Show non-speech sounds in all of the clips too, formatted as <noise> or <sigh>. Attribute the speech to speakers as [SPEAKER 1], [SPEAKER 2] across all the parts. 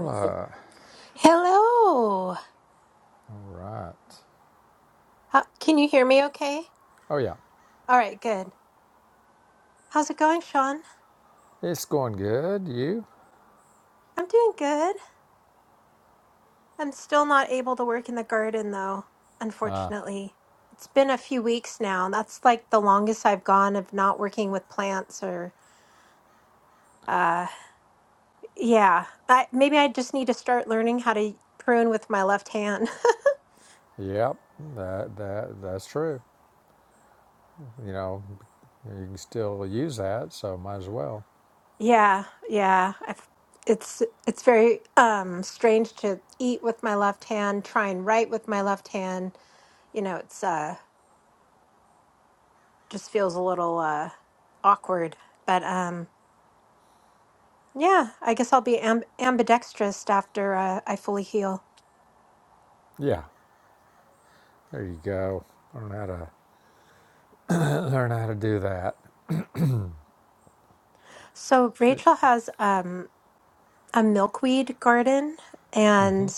[SPEAKER 1] Hello.
[SPEAKER 2] All right.
[SPEAKER 1] How- Okay.
[SPEAKER 2] Oh yeah,
[SPEAKER 1] All right. Good. Fun.
[SPEAKER 2] it's going good. You?
[SPEAKER 1] I'm doing good. I'm still not able to work in the garden though,
[SPEAKER 2] Uh,
[SPEAKER 1] unfortunately. It's been a few weeks now. That's like the longest I've gone of not working with plants or uh yeah. I, maybe I just need to start learning how to prune with my left hand. <laughs>
[SPEAKER 2] yep. That that that's true. You know, you can still use that, so might as well.
[SPEAKER 1] Yeah. Yeah. I've, it's it's very um strange to eat with my left hand, try and write with my left hand. You know, it's uh just feels a little uh, awkward. But um, yeah, I guess I'll be amb- ambidextrous after uh, I fully heal.
[SPEAKER 2] Yeah. There you go. Learn how to <clears throat> learn how to do that.
[SPEAKER 1] So Rachel has um, a milkweed garden,
[SPEAKER 2] Mhm.
[SPEAKER 1] and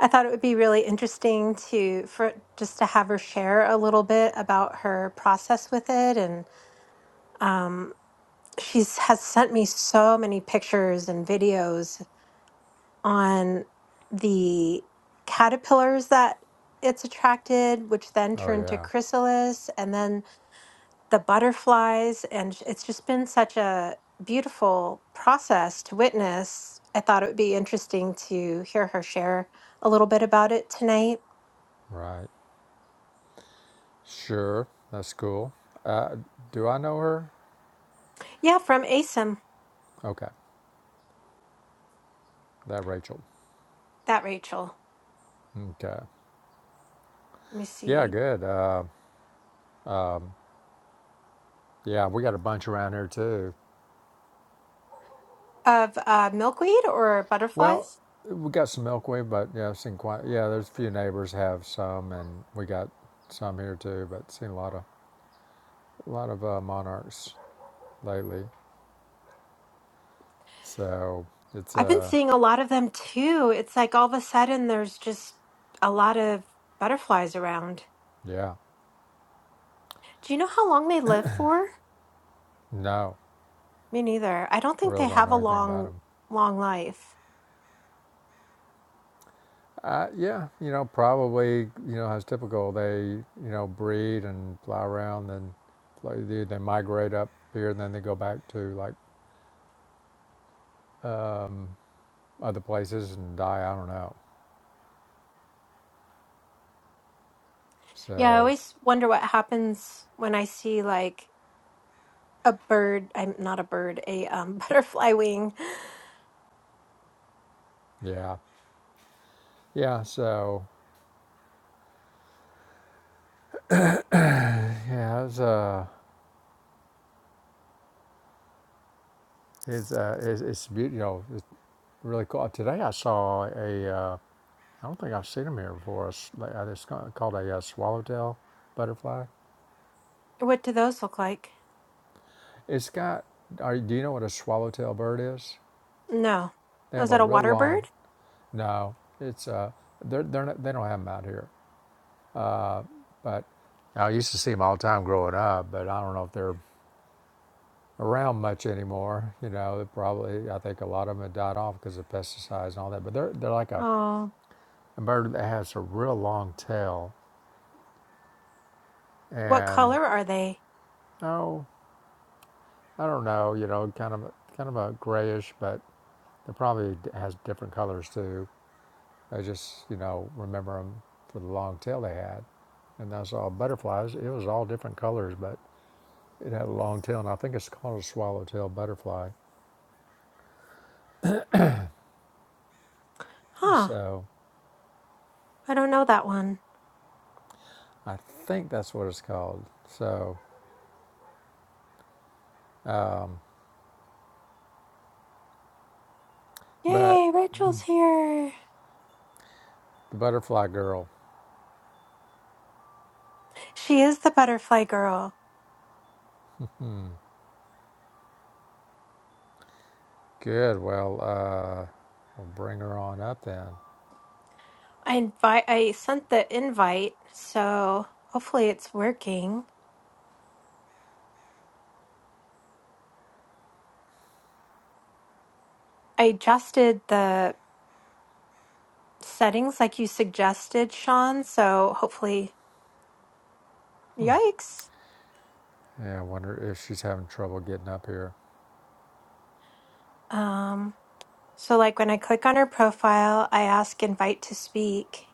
[SPEAKER 1] I thought it would be really interesting to for just to have her share a little bit about her process with it, and um, she's has sent me so many pictures and videos on the caterpillars that it's attracted, which then
[SPEAKER 2] Oh
[SPEAKER 1] turn to
[SPEAKER 2] yeah.
[SPEAKER 1] chrysalis, and then the butterflies. And sh- it's just been such a beautiful process to witness. I thought it would be interesting to hear her share a little bit about it tonight.
[SPEAKER 2] Right. Sure. That's cool. Uh, do I know her?
[SPEAKER 1] Yeah, from ASIM,
[SPEAKER 2] Okay. That Rachel.
[SPEAKER 1] that Rachel.
[SPEAKER 2] Okay.
[SPEAKER 1] Let me
[SPEAKER 2] Yeah.
[SPEAKER 1] see.
[SPEAKER 2] Good. Uh, yeah. We got a bunch around here too.
[SPEAKER 1] Of uh, milkweed or
[SPEAKER 2] Well,
[SPEAKER 1] butterflies?
[SPEAKER 2] we got some milkweed, but yeah, I've seen quite. Yeah, there's a few neighbors have some, and we got some here too. But seen a lot of a lot of uh, monarchs lately. So it's
[SPEAKER 1] I've been
[SPEAKER 2] uh
[SPEAKER 1] seeing a lot of them too. It's like all of a sudden there's just a lot of butterflies around.
[SPEAKER 2] yeah
[SPEAKER 1] Do you know how long they live for?
[SPEAKER 2] no,
[SPEAKER 1] Me neither. I don't
[SPEAKER 2] I
[SPEAKER 1] think
[SPEAKER 2] really
[SPEAKER 1] they
[SPEAKER 2] don't
[SPEAKER 1] have
[SPEAKER 2] know
[SPEAKER 1] a
[SPEAKER 2] anything about
[SPEAKER 1] long,
[SPEAKER 2] them.
[SPEAKER 1] long life.
[SPEAKER 2] Uh, yeah, you know probably you know as typical they you know breed and fly around and like, they, they migrate up here and then they go back to like other places and die. I don't know.
[SPEAKER 1] Yeah, I
[SPEAKER 2] So
[SPEAKER 1] always wonder what happens when I see like a bird. I'm not a bird, a um, <laughs> butterfly wing.
[SPEAKER 2] yeah, yeah. So Yeah, it's uh, it's uh, it's, it's beautiful. You know, it's really cool. Today I saw a. Uh, I don't think I've seen them here before. It's, like- uh, it's ca- called a uh, swallowtail butterfly.
[SPEAKER 1] What do those look like?
[SPEAKER 2] It's got. Are, do you know what a swallowtail bird is?
[SPEAKER 1] No.
[SPEAKER 2] They have
[SPEAKER 1] Is
[SPEAKER 2] a
[SPEAKER 1] that a
[SPEAKER 2] real
[SPEAKER 1] water bird?
[SPEAKER 2] long. No, it's uh, they're they're not, they don't have them out here. Uh, but I used to see them all the time growing up. But I don't know if they're around much anymore. You know, they probably I think a lot of them have died off because of pesticides and all that. But they're they're like a
[SPEAKER 1] Oh,
[SPEAKER 2] a bird that has a real long tail
[SPEAKER 1] what
[SPEAKER 2] and
[SPEAKER 1] color are they?
[SPEAKER 2] oh i don't know you know kind of kind of a grayish but it probably has different colors too i just you know remember them for the long tail they had and that's all butterflies it was all different colors but it had a long tail and i think it's called a swallowtail butterfly
[SPEAKER 1] Huh,
[SPEAKER 2] so
[SPEAKER 1] I don't know that one.
[SPEAKER 2] i think that's what it's called so but
[SPEAKER 1] Yay,
[SPEAKER 2] mm.
[SPEAKER 1] Rachel's here.
[SPEAKER 2] the butterfly girl
[SPEAKER 1] She is the butterfly girl.
[SPEAKER 2] Mm. good well uh we'll bring her on up then
[SPEAKER 1] I invite I sent the invite, so hopefully it's working. I adjusted the settings like you suggested, Sean, so hopefully
[SPEAKER 2] Hmm.
[SPEAKER 1] yikes.
[SPEAKER 2] Yeah, I wonder if she's having trouble getting up here.
[SPEAKER 1] Um so like when I click on her profile, I ask invite to speak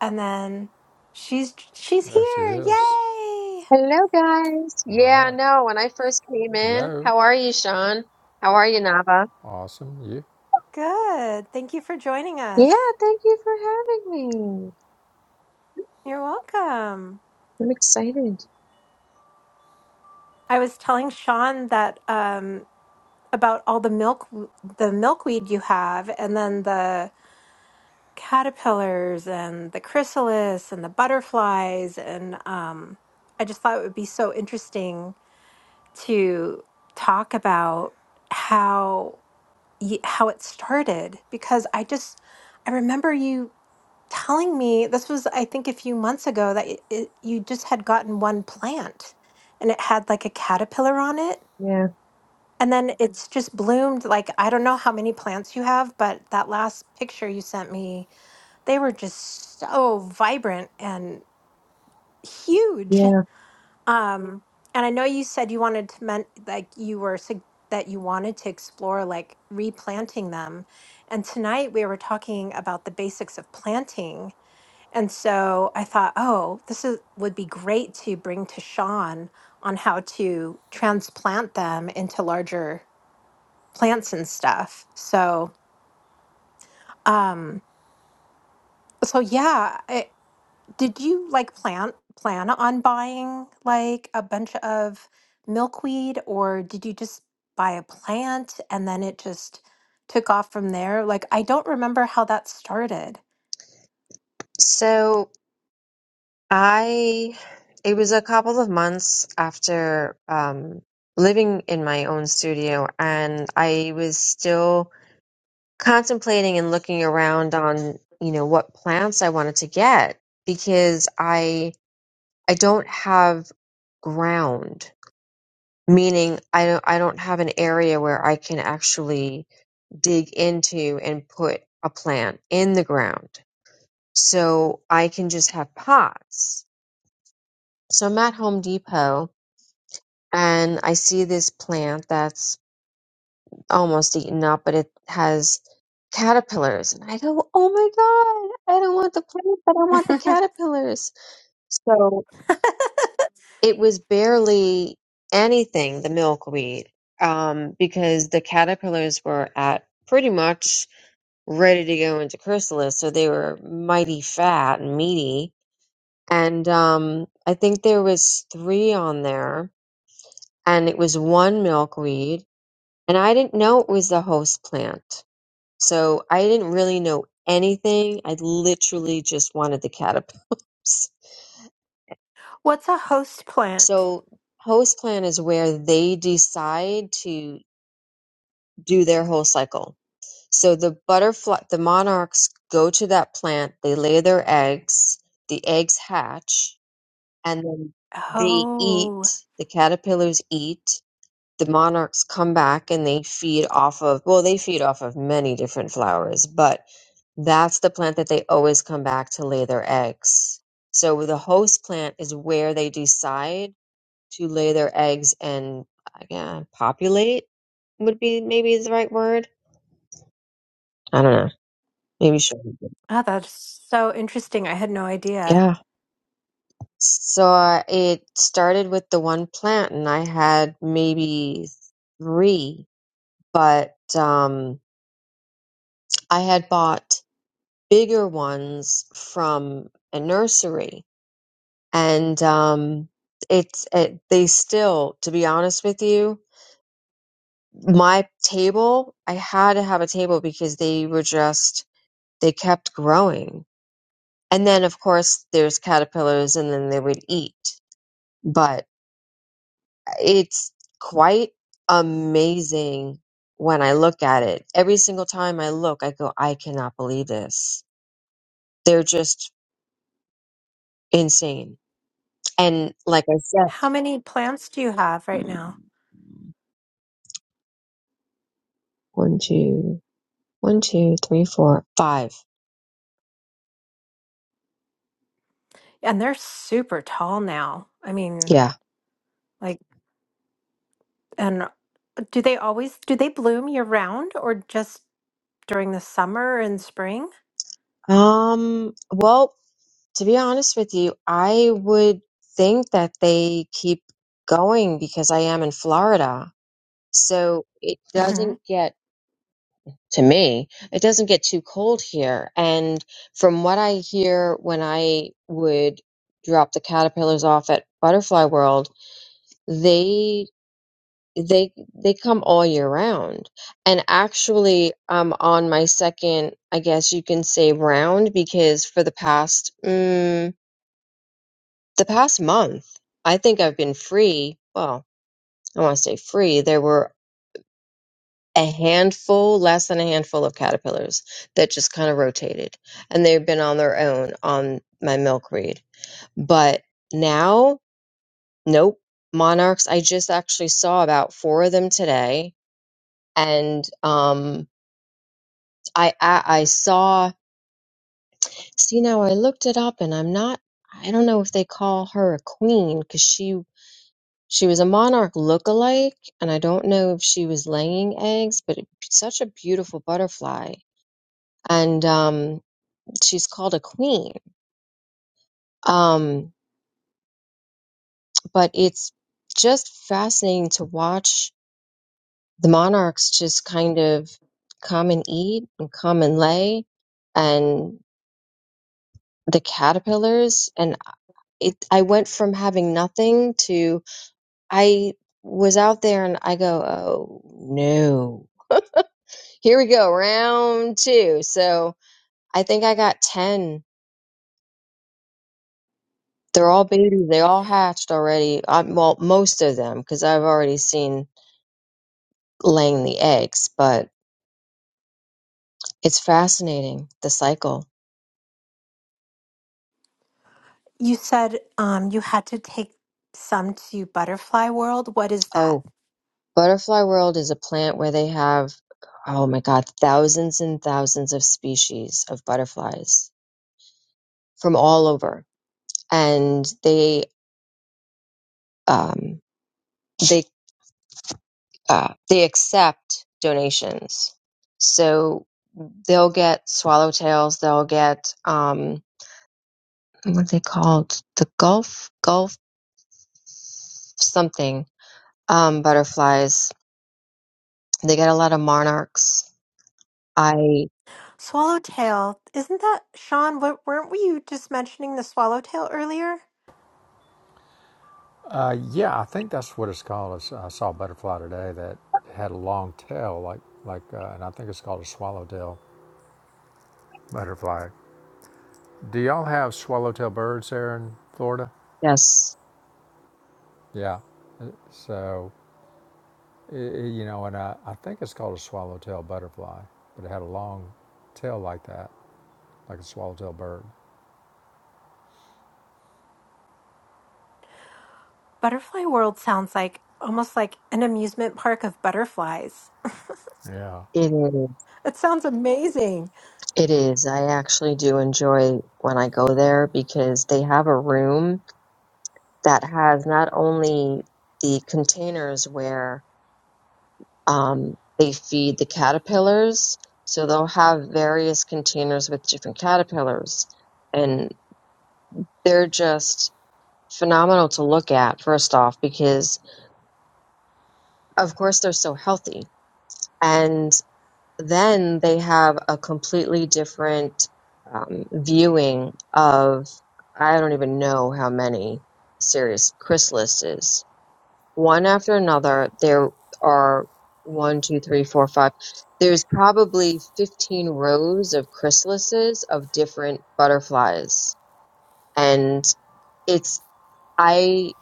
[SPEAKER 1] and then she's she's
[SPEAKER 2] There she
[SPEAKER 1] here.
[SPEAKER 2] is.
[SPEAKER 1] Yay!
[SPEAKER 3] Hello, guys. Yeah,
[SPEAKER 2] Right.
[SPEAKER 3] no, when I first came in,
[SPEAKER 2] Hello.
[SPEAKER 3] how are you, Sean? How are you, Nava?
[SPEAKER 2] Awesome. You?
[SPEAKER 1] Good. Thank you for joining
[SPEAKER 3] Yeah,
[SPEAKER 1] us.
[SPEAKER 3] thank you for having me.
[SPEAKER 1] You're welcome.
[SPEAKER 3] I'm excited.
[SPEAKER 1] I was telling Sean that um about all the milk the milkweed you have and then the caterpillars and the chrysalis and the butterflies and um I just thought it would be so interesting to talk about how y- how it started because I just I remember you telling me this was I think a few months ago that it, it, you just had gotten one plant and it had like a caterpillar on it
[SPEAKER 3] Yeah,
[SPEAKER 1] and then it's just bloomed like I don't know how many plants you have, but that last picture you sent me, they were just so vibrant and huge.
[SPEAKER 3] yeah.
[SPEAKER 1] Um, and I know you said you wanted to men like you were sug- that you wanted to explore like replanting them. And tonight we were talking about the basics of planting. And so I thought, oh, this is would be great to bring to Sean on how to transplant them into larger plants and stuff. So, um, so yeah, I, did you like plan plan on buying like a bunch of milkweed, or did you just buy a plant and then it just took off from there? Like, I don't remember how that started.
[SPEAKER 3] So I, it was a couple of months after um, living in my own studio, and I was still contemplating and looking around on, you know, what plants I wanted to get because I I don't have ground meaning I don't I don't have an area where I can actually dig into and put a plant in the ground. So I can just have pots. So I'm at Home Depot and I see this plant that's almost eaten up, but it has caterpillars. And I go, Oh my God, I don't want the plant, but I want the
[SPEAKER 1] <laughs>
[SPEAKER 3] caterpillars. So it was barely anything, the milkweed, um, because the caterpillars were at pretty much ready to go into chrysalis. So they were mighty fat and meaty. And um, I think there was three on there, and it was one milkweed. And I didn't know it was the host plant. So I didn't really know anything. I literally just wanted the caterpillars. <laughs>
[SPEAKER 1] What's a host plant?
[SPEAKER 3] So host plant is where they decide to. do their whole cycle. So the butterfly, the monarchs go to that plant, they lay their eggs, the eggs hatch, and then they eat,
[SPEAKER 1] Oh,
[SPEAKER 3] the caterpillars eat, the monarchs come back and they feed off of, well, they feed off of many different flowers, but that's the plant that they always come back to lay their eggs. So the host plant is where they decide to lay their eggs and yeah, populate would be maybe the right word I don't know. Maybe she'll.
[SPEAKER 1] ah, that's so interesting. I had no idea.
[SPEAKER 3] Yeah. So uh, it started with the one plant, and I had maybe three, but um, I had bought bigger ones from a nursery, and um, it's it, they still, to be honest with you, my table. I had to have a table because they were just they kept growing, and then of course there's caterpillars, and then they would eat, but. It's quite amazing when I look at it. Every single time I look, I go, I cannot believe this. They're just insane. And like I said,
[SPEAKER 1] How many plants do you have right now?
[SPEAKER 3] mm, one, two, one, two, three, four, five.
[SPEAKER 1] And they're super tall now. I mean,
[SPEAKER 3] Yeah.
[SPEAKER 1] like, and do they always do they bloom year round or just during the summer and spring?
[SPEAKER 3] Um, well, to be honest with you, I would think that they keep going because I am in Florida. So it
[SPEAKER 1] hmm
[SPEAKER 3] doesn't get to me. It doesn't get too cold here. And from what I hear when I would drop the caterpillars off at Butterfly World, they they they come all year round. And actually I'm on my second, I guess you can say round because for the past mm, the past month, I think I've been free. Well, I want to say free. There were a handful, less than a handful of caterpillars that just kind of rotated. And they've been on their own on my milkweed. But now, nope. Monarchs, I just actually saw about four of them today. And um, I, I, I saw, see, now I looked it up and I'm not, I don't know if they call her a queen because she, she was a monarch lookalike. And I don't know if she was laying eggs, but it, such a beautiful butterfly. And um, she's called a queen. Um, but it's just fascinating to watch the monarchs just kind of come and eat and come and lay, and the caterpillars. And it, I went from having nothing to I was out there and I go, oh no, here we go, round two. So I think I got 10. They're all babies. They all hatched already. Um well, most of them, because I've already seen laying the eggs, but it's fascinating the cycle.
[SPEAKER 1] You said um, you had to take some to Butterfly World. What is that?
[SPEAKER 3] Oh, Butterfly World is a plant where they have, oh my God, thousands and thousands of species of butterflies from all over, and they um, they uh, they accept donations, so they'll get swallowtails, they'll get um, what are they called the Gulf Gulf something um, butterflies They got a lot of monarchs. I
[SPEAKER 1] Swallowtail. Isn't that Sean? What, weren't we you just mentioning the swallowtail earlier?
[SPEAKER 2] Uh, yeah, I think that's what it's called. I saw a butterfly today that had a long tail, like like, uh, and I think it's called a swallowtail butterfly. Do y'all have swallowtail birds there in Florida?
[SPEAKER 3] yes,
[SPEAKER 2] Yeah. Uh, So, i you know, and I, I think it's called a swallowtail butterfly, but it had a long tail like that, like a swallowtail bird.
[SPEAKER 1] Butterfly World sounds like almost like an amusement park of butterflies.
[SPEAKER 2] Yeah.
[SPEAKER 3] it is.
[SPEAKER 1] It sounds amazing.
[SPEAKER 3] It is. I actually do enjoy when I go there because they have a room that has not only the containers where um, they feed the caterpillars, so they'll have various containers with different caterpillars, and they're just phenomenal to look at. First off, because of course they're so healthy. and. then they have a completely different um, viewing of I don't even know how many serious chrysalises. One after another, there are one, two, three, four, five. There's probably 15 rows of chrysalises of different butterflies. And it's I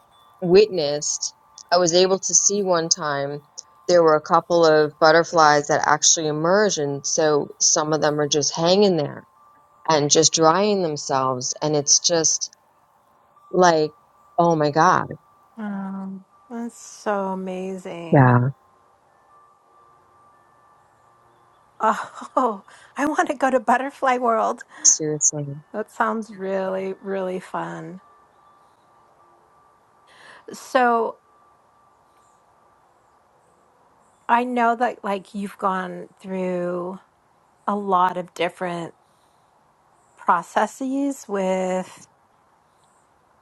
[SPEAKER 3] witnessed, I was able to see one time there were a couple of butterflies that actually emerged, and so some of them are just hanging there and just drying themselves. And it's just like, oh my God.
[SPEAKER 1] Um, that's so amazing.
[SPEAKER 3] Yeah,
[SPEAKER 1] Oh, <laughs> I want to go to Butterfly World.
[SPEAKER 3] seriously.
[SPEAKER 1] That sounds really, really fun. So I know that like you've gone through a lot of different processes with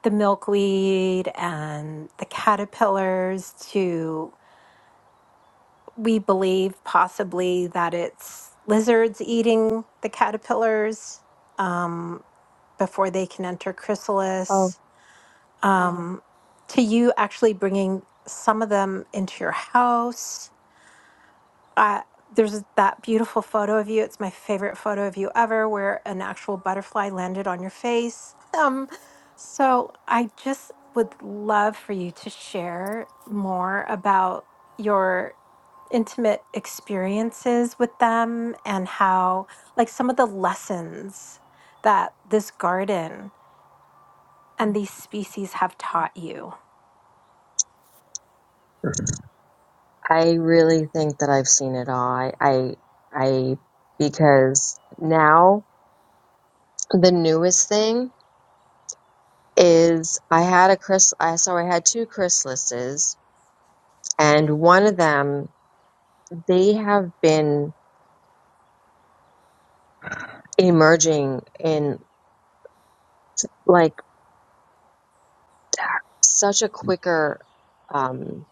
[SPEAKER 1] the milkweed and the caterpillars to we believe possibly that it's lizards eating the caterpillars um, before they can enter
[SPEAKER 3] Oh,
[SPEAKER 1] chrysalis. Um, to you actually bringing some of them into your house uh, there's that beautiful photo of you. It's my favorite photo of you ever, where an actual butterfly landed on your face. <laughs> Um, so I just would love for you to share more about your intimate experiences with them and how, like, some of the lessons that this garden and these species have taught you.
[SPEAKER 3] I really think that I've seen it all. I, I, I, because now the newest thing is I had a chrysalis, so I had two chrysalises and one of them they have been emerging in like such a quicker um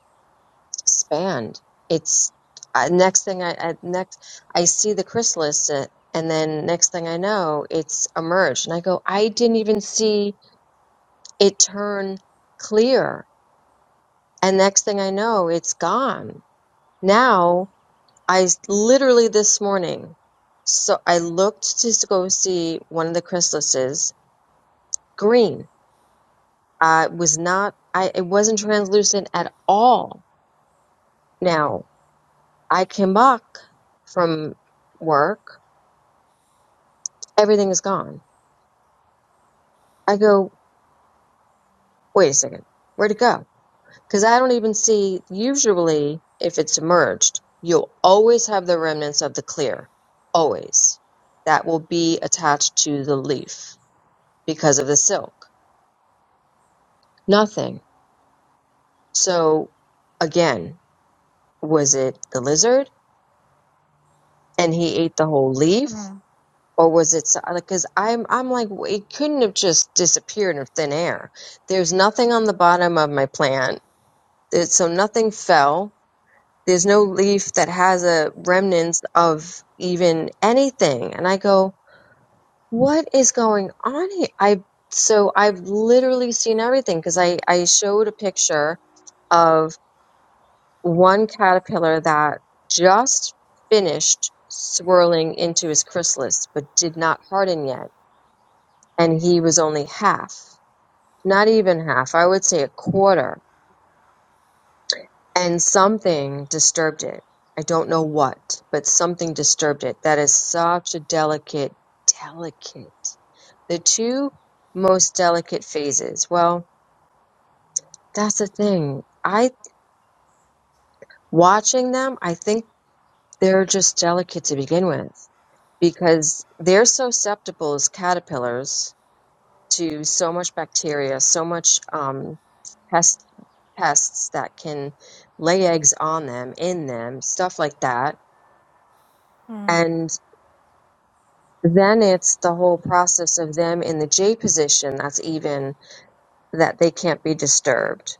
[SPEAKER 3] span it's uh, next thing I, I next i see the chrysalis uh, and then next thing i know it's emerged and i go i didn't even see it turn clear and next thing i know it's gone now i s- literally this morning so i looked to s- go see one of the chrysalises green Uh, It was not, I, it wasn't translucent at all. Now, I came back from work, everything is gone. I go, wait a second, where'd it go? Because I don't even see, usually, if it's submerged, you'll always have the remnants of the clear, always. That will be attached to the leaf because of the silk. Nothing. So, again, was it the lizard and he ate the whole leaf?
[SPEAKER 1] Mm,
[SPEAKER 3] or was it so- like, because I'm I'm like w- it couldn't have just disappeared in thin air. There's nothing on the bottom of my plant, It- so nothing fell. There's no leaf that has a remnants of even anything. And I go, what is going on here? I so I've literally seen everything because I I showed a picture of one caterpillar that just finished swirling into his chrysalis but did not harden yet and he was only half, not even half, I would say a quarter. And something disturbed it. I don't know what, but something disturbed it. That is such a delicate, delicate, the two most delicate phases. Well, that's the thing. I, watching them, I think they're just delicate to begin with because they're so susceptible as caterpillars to so much bacteria, so much um, pest pests that can lay eggs on them, in them, stuff like that.
[SPEAKER 1] mm,
[SPEAKER 3] And then it's the whole process of them in the J position that's even that they can't be disturbed.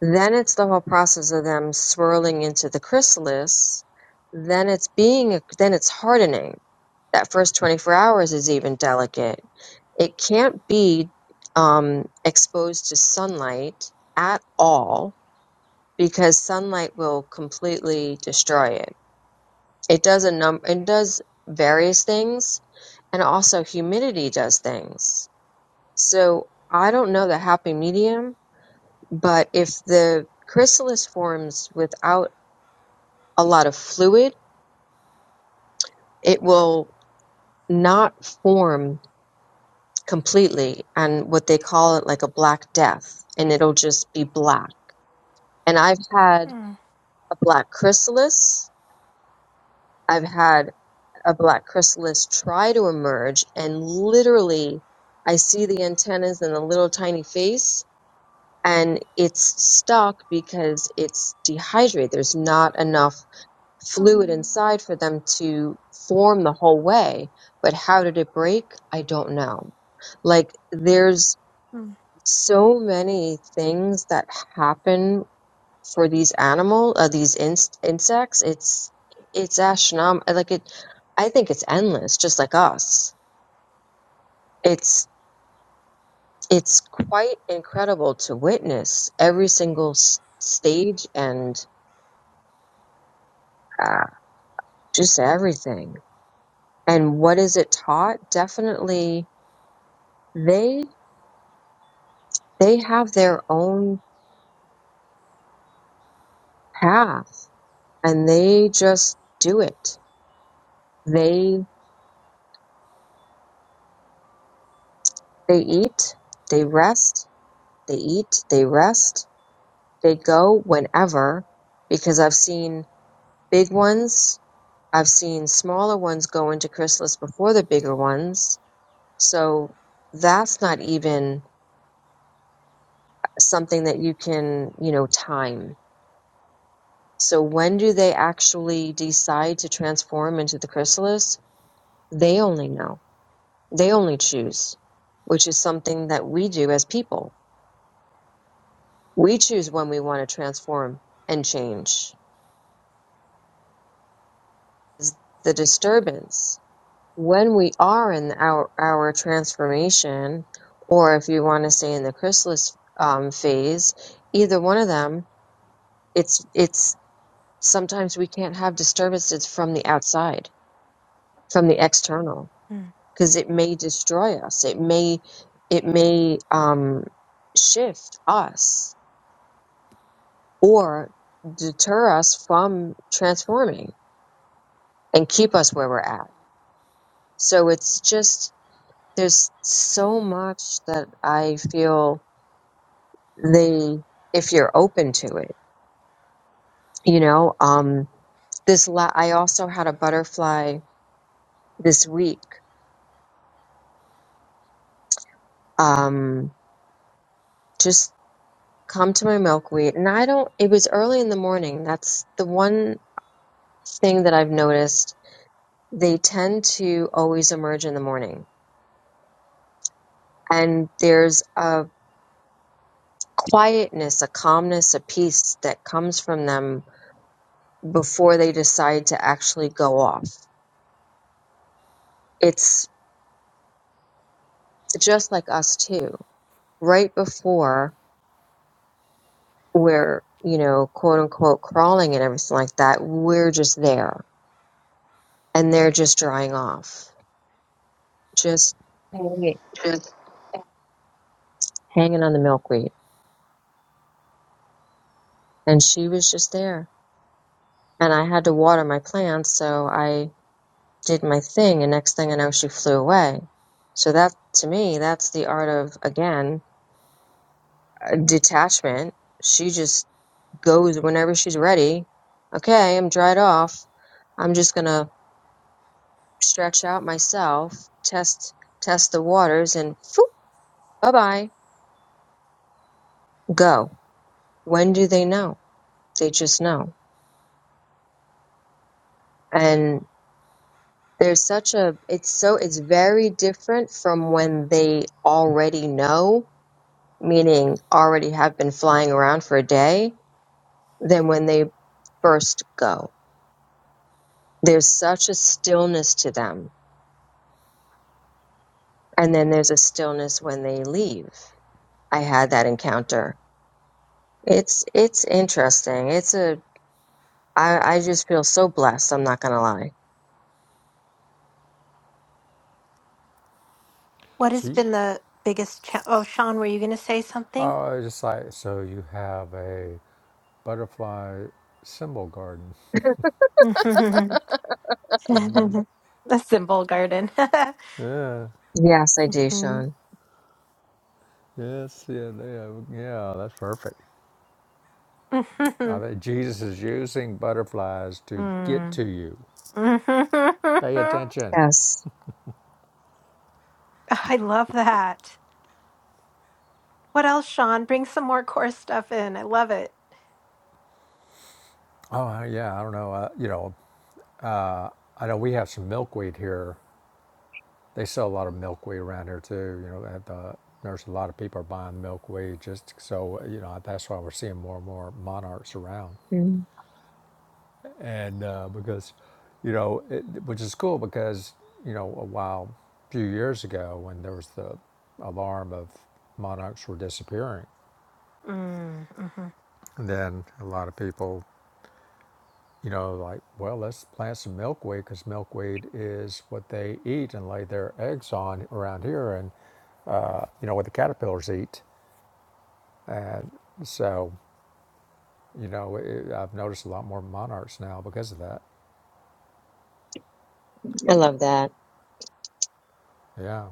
[SPEAKER 3] Then it's the whole process of them swirling into the chrysalis. Then it's being, then it's hardening. That first 24 hours is even delicate It can't be um, exposed to sunlight at all because sunlight will completely destroy it. It does a num it does various things, and also humidity does things. So I don't know the happy medium, but if the chrysalis forms without a lot of fluid, it will not form completely and what they call it like a black death and it'll just be black And I've had
[SPEAKER 1] mm,
[SPEAKER 3] a black chrysalis. I've had a black chrysalis try to emerge and literally I see the antennas and the little tiny face and it's stuck because it's dehydrated. There's not enough fluid
[SPEAKER 1] mm,
[SPEAKER 3] inside for them to form the whole way. But how did it break? I don't know. Like there's so many things that happen for these animal uh, these ins insects it's it's astronomical like it i think it's endless just like us it's it's quite incredible to witness every single s- stage and uh, just everything and what is it taught definitely they they have their own path and they just do it they they eat they rest they eat they rest They go whenever because I've seen big ones. I've seen smaller ones go into chrysalis before the bigger ones. So that's not even something that you can, you know, time. So when do they actually decide to transform into the chrysalis? They only know. They only choose, which is something that we do as people. We choose when we want to transform and change. It's The disturbance when we are in our our transformation, or if you want to say in the chrysalis um, phase, either one of them, it's it's sometimes we can't have disturbances from the outside, from the external,
[SPEAKER 1] mm,
[SPEAKER 3] because it may destroy us. It may it may um, shift us or deter us from transforming and keep us where we're at. So it's just there's so much that I feel the if you're open to it you know um this la- i also had a butterfly this week um just come to my milkweed and i don't it was early in the morning that's the one thing that i've noticed they tend to always emerge in the morning and there's a quietness a calmness a peace that comes from them before they decide to actually go off it's just like us too right before we're, you know, quote unquote crawling and everything like that. We're just there and they're just drying off, just hanging,
[SPEAKER 1] mm.
[SPEAKER 3] hanging on the milkweed. And she was just there. And I had to water my plants. So I did my thing. And next thing I know, she flew away. So that to me, that's the art of, again, detachment. She just goes whenever she's ready. Okay, I'm dried off. I'm just going to stretch out myself, test test the waters, and phew, bye bye, go. When do they know? They just know. And there's such a it's so it's very different from when they already know, meaning already have been flying around for a day, than when they first go. There's such a stillness to them, and then there's a stillness when they leave. I had that encounter. It's it's interesting. It's a I, I just feel so blessed. I'm not going to lie.
[SPEAKER 1] What has
[SPEAKER 2] See?
[SPEAKER 1] been the biggest cha- Oh, Sean, were you going to say something?
[SPEAKER 2] Oh, it's just like so you have a butterfly symbol garden.
[SPEAKER 1] <laughs> A simple garden. <laughs>
[SPEAKER 2] Yeah,
[SPEAKER 3] Yes, I do,
[SPEAKER 1] Mhm.
[SPEAKER 3] Sean.
[SPEAKER 2] yes, yeah, they have, yeah, that's perfect. I
[SPEAKER 1] <laughs>
[SPEAKER 2] think Jesus is using butterflies to get
[SPEAKER 1] Mm.
[SPEAKER 2] to you. Pay
[SPEAKER 1] <laughs>
[SPEAKER 2] attention.
[SPEAKER 3] Yes.
[SPEAKER 1] I love that. What else, Sean? Bring some more core stuff in. I love it.
[SPEAKER 2] Oh uh, yeah, I don't know. Uh, you know, I know we have some milkweed here. They sell a lot of milkweed around here too. You know, at the there's a lot of people are buying milkweed just so you know that's why we're seeing more and more monarchs around.
[SPEAKER 3] Mm.
[SPEAKER 2] and uh, because you know it, which is cool because you know a while a few years ago when there was the alarm of monarchs were disappearing
[SPEAKER 1] Mm, mhm.
[SPEAKER 2] and then a lot of people you know like well let's plant some milkweed because milkweed is what they eat and lay their eggs on around here and you know what the caterpillars eat and so you know it, i've noticed a lot more monarchs now because of that
[SPEAKER 3] I love that.
[SPEAKER 2] yeah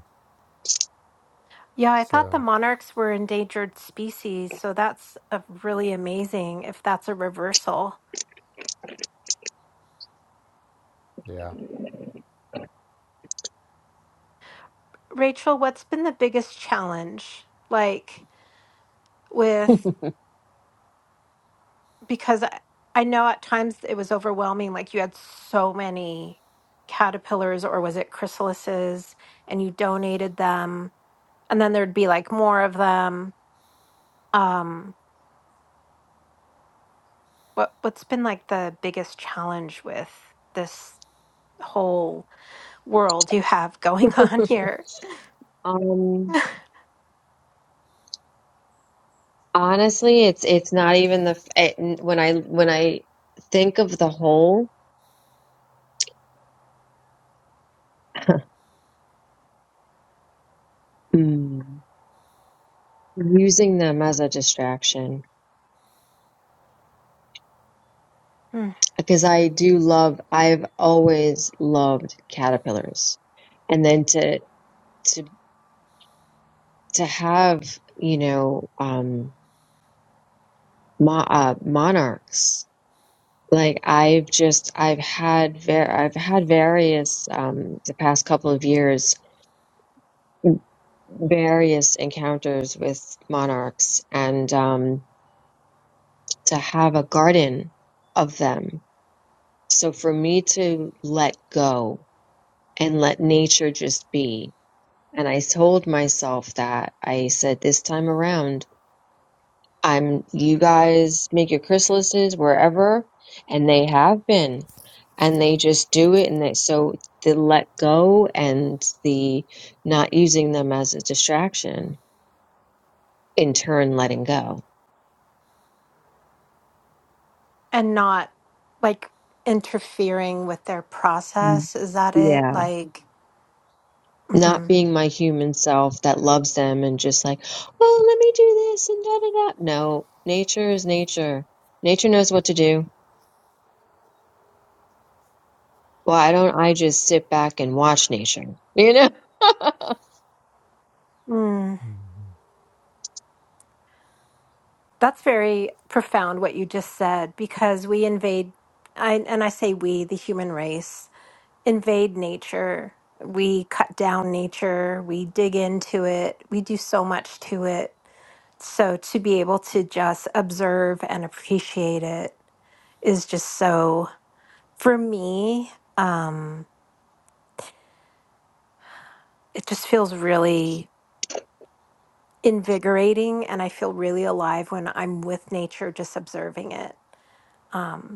[SPEAKER 1] Yeah, I thought the
[SPEAKER 2] so
[SPEAKER 1] monarchs were endangered species, so that's a really amazing if that's a reversal.
[SPEAKER 2] yeah
[SPEAKER 1] Rachel, what's been the biggest challenge? Like, with
[SPEAKER 3] <laughs>
[SPEAKER 1] because I, I know at times it was overwhelming. Like you had so many caterpillars, or was it chrysalises, and you donated them, and then there'd be like more of them. Um, what what's been like the biggest challenge with this whole world you have going <laughs> on here,
[SPEAKER 3] Um, honestly, it's, it's not even the, f- it, when I, when I think of the whole, Mm. using them as a distraction
[SPEAKER 1] Mm.
[SPEAKER 3] because I do love I've always loved caterpillars and then to to to have you know um mo- uh, monarchs Like I've just I've had ver I've had various um the past couple of years various encounters with monarchs and um to have a garden of them. So for me to let go and let nature just be. And I told myself that I said this time around I'm you guys make your chrysalises wherever, and they have been, and they just do it, and they so the let go and the not using them as a distraction in turn letting go.
[SPEAKER 1] and not like interfering with their
[SPEAKER 3] Mm.
[SPEAKER 1] process? Is that it?
[SPEAKER 3] Yeah,
[SPEAKER 1] Like,
[SPEAKER 3] not being my human self that loves them and just like, well, let me do this and da da da. No, nature is nature. Nature knows what to do. Why don't I just sit back and watch nature? You know. <laughs>
[SPEAKER 1] mhm. That's very profound what you just said because we invade, I, and I say we, the human race, invade nature. We cut down nature, we dig into it, we do so much to it. So to be able to just observe and appreciate it is just so, for me, um, it just feels really invigorating and I feel really alive when I'm with nature just observing it. Um,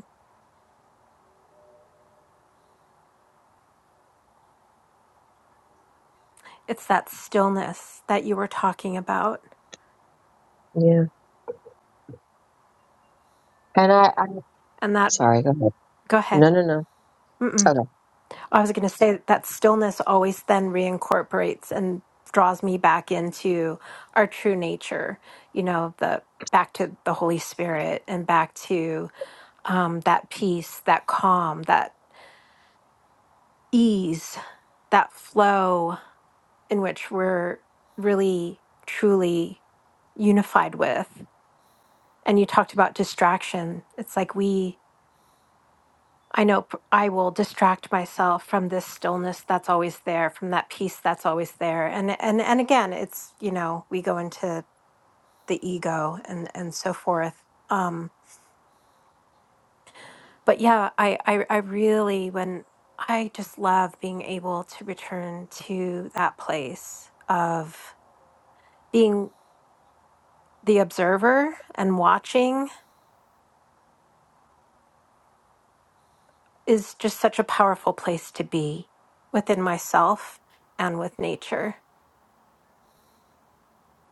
[SPEAKER 1] It's that stillness that you were talking about.
[SPEAKER 3] Yeah. And I, I
[SPEAKER 1] And that,
[SPEAKER 3] Sorry, go ahead.
[SPEAKER 1] go ahead.
[SPEAKER 3] No, no, no.
[SPEAKER 1] Mm-mm.
[SPEAKER 3] okay.
[SPEAKER 1] I was going to say that, that stillness always then reincorporates and draws me back into our true nature, you know, the back to the Holy Spirit and back to um, that peace, that calm, that ease, that flow in which we're really, truly unified with. And you talked about distraction. It's like we I know p- I will distract myself from this stillness that's always there, from that peace that's always there. And and and again, it's, you know, we go into the ego and and so forth. Um but yeah, I I I really when I just love being able to return to that place of being the observer and watching is just such a powerful place to be within myself and with nature.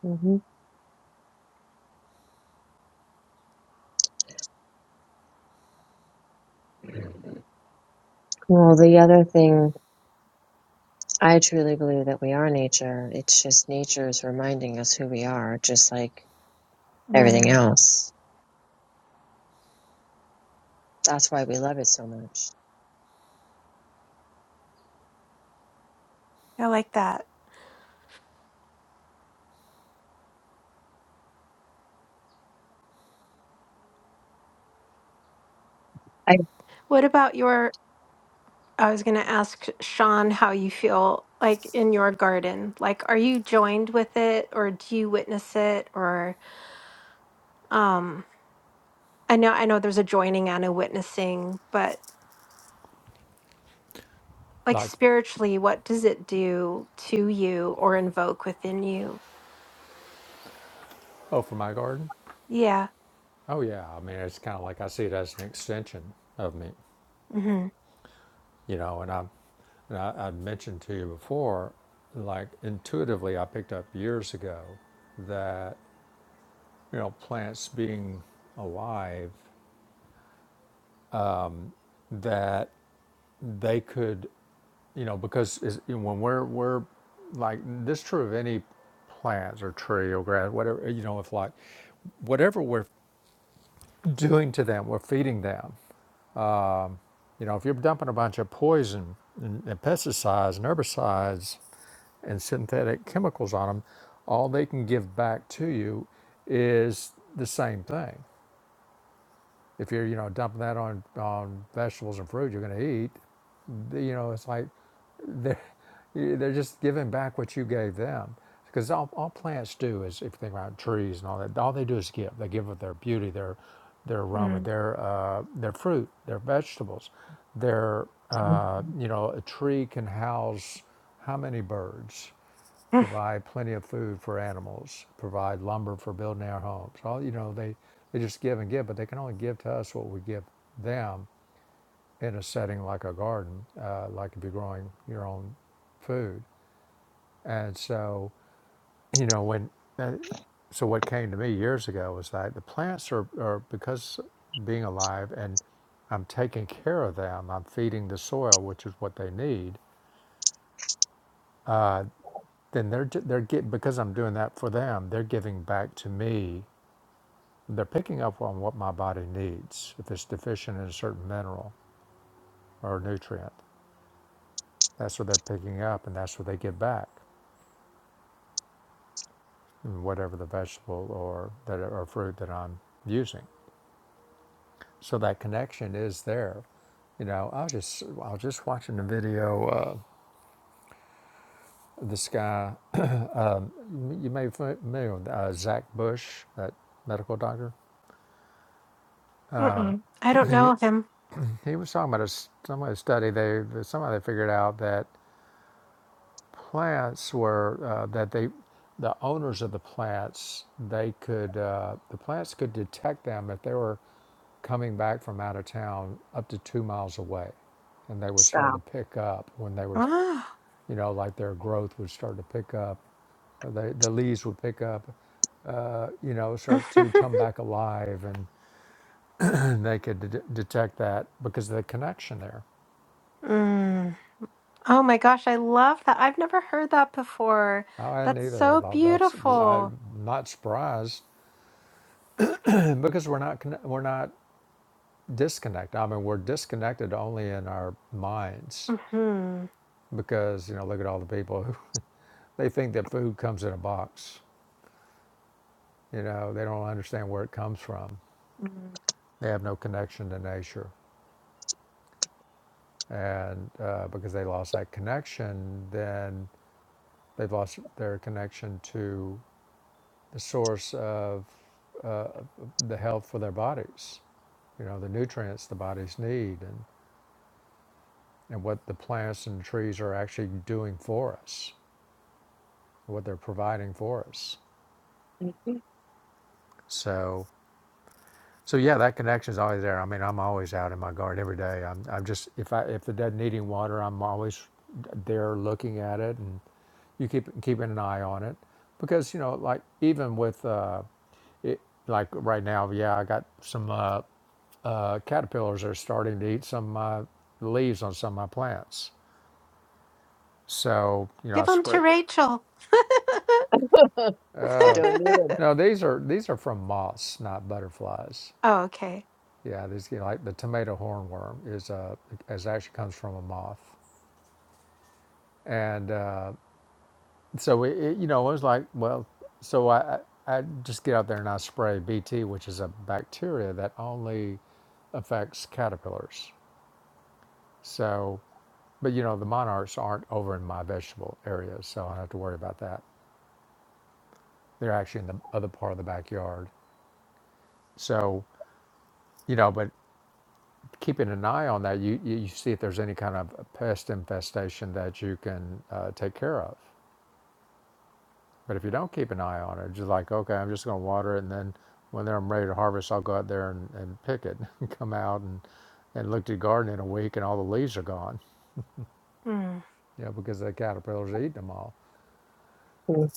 [SPEAKER 3] hmm
[SPEAKER 2] Hmm.
[SPEAKER 3] Well, the other thing, I truly believe that we are nature. It's just nature is reminding us who we are, just like everything
[SPEAKER 1] Mm,
[SPEAKER 3] else. That's why we love it so much.
[SPEAKER 1] I like that.
[SPEAKER 3] I
[SPEAKER 1] What about your? I was going to ask Sean how you feel like in your garden. Like, are you joined with it, or do you witness it, or um? I know, I know, there's a joining and a witnessing, but like
[SPEAKER 2] like
[SPEAKER 1] spiritually, what does it do to you or invoke within you?
[SPEAKER 2] oh for my garden
[SPEAKER 1] Yeah.
[SPEAKER 2] Oh yeah, I mean it's kind of like I see it as an extension of me,
[SPEAKER 1] Mm-hmm.
[SPEAKER 2] you know. And I, and I, I mentioned to you before, like intuitively, I picked up years ago that you know plants being alive, that they could, you know, because is, you know, when we're we're like this is true of any plants or tree or grass, whatever you know, if like whatever we're doing to them, we're feeding them. You know, if you're dumping a bunch of poison and, and pesticides and herbicides and synthetic chemicals on them, all they can give back to you is the same thing. If you're, you know, dumping that on, on vegetables and fruit you're going to eat, you know, it's like they're, <laughs> they're just giving back what you gave them. Because all, all plants do is, if you think about trees and all that, all they do is give. They give of their beauty, their their aroma,
[SPEAKER 1] Mm.
[SPEAKER 2] their uh, their fruit, their vegetables. Their uh, you know, a tree can house how many birds?
[SPEAKER 1] <sighs> Mm.
[SPEAKER 2] provide plenty of food for animals, provide lumber for building our homes. All you know, they they just give and give, but they can only give to us what we give them in a setting like a garden, uh, like if you're growing your own food. And so, you know, when uh, so what came to me years ago was that the plants are, are because being alive and I'm taking care of them. I'm feeding the soil, which is what they need. Uh, then they're they're get because I'm doing that for them. They're giving back to me They're picking up on what my body needs if it's deficient in a certain mineral or nutrient. That's what they're picking up, and that's what they give back, in whatever the vegetable or that or fruit that I'm using. So that connection is there. You know, I was just I was just watching the video. Uh, this guy, you may be familiar with uh, Zach Bush, that medical doctor.
[SPEAKER 1] Mm-mm. I
[SPEAKER 2] <laughs>
[SPEAKER 1] don't know him.
[SPEAKER 2] He, he was talking about a some kind of study. They somebody figured out that. plants were uh, that they the owners of the plants they could uh, the plants could detect them if they were coming back from out of town up to two miles away and they would start to
[SPEAKER 3] stop.
[SPEAKER 2] pick up when they were
[SPEAKER 1] Ah.
[SPEAKER 2] you know like their growth would start to pick up they, the leaves would pick up uh, you know
[SPEAKER 1] <laughs>
[SPEAKER 2] start to come back alive and, <clears throat> and they could de- detect that because of the connection there
[SPEAKER 1] mm. Oh my gosh, I love that. I've never heard that before.
[SPEAKER 2] I hadn't
[SPEAKER 1] That's
[SPEAKER 2] either. I
[SPEAKER 1] so
[SPEAKER 2] thought that's.
[SPEAKER 1] beautiful.
[SPEAKER 2] I'm not surprised <clears throat> because we're not conne- we're not disconnect. I mean, we're disconnected only in our minds
[SPEAKER 1] hmm
[SPEAKER 2] because, you know, look at all the people who <laughs> they think that food comes in a box. You know, they don't understand where it comes from.
[SPEAKER 1] Mm.
[SPEAKER 2] They have no connection to nature. And uh, because they lost that connection, then they've lost their connection to the source of uh, the health for their bodies, you know, the nutrients the bodies need and, and what the plants and trees are actually doing for us, what they're providing for us.
[SPEAKER 3] <laughs>
[SPEAKER 2] So, so yeah, that connection is always there. I mean, I'm always out in my garden every day. I'm, I'm just if I if the dead needing water, I'm always there looking at it, and you keep keeping an eye on it because you know, like even with uh, it, like right now, yeah, I got some uh, uh, caterpillars are starting to eat some of my leaves on some of my plants. So you know, I
[SPEAKER 1] Give them to
[SPEAKER 2] spray.
[SPEAKER 1] Rachel.
[SPEAKER 3] I don't
[SPEAKER 1] <laughs>
[SPEAKER 3] need
[SPEAKER 2] No, these are these are from moths, not butterflies.
[SPEAKER 1] oh, okay.
[SPEAKER 2] Yeah, there's you know, like the tomato hornworm is uh, is actually comes from a moth, and uh, so it, it, you know, it was like, well, so I, I I just get out there and I spray BT, which is a bacteria that only affects caterpillars. So, but you know, the monarchs aren't over in my vegetable area, so I don't have to worry about that. They're actually in the other part of the backyard. So, you know, but keeping an eye on that, you you, you see if there's any kind of pest infestation that you can uh, take care of But if you don't keep an eye on it, just like, okay, I'm just going to water it, and then when I'm ready to harvest, I'll go out there and, and pick it and <laughs> come out and, and look at the garden in a week, and all the leaves are gone,
[SPEAKER 1] Mm.
[SPEAKER 2] you know, because the caterpillars are eating them all,
[SPEAKER 3] it.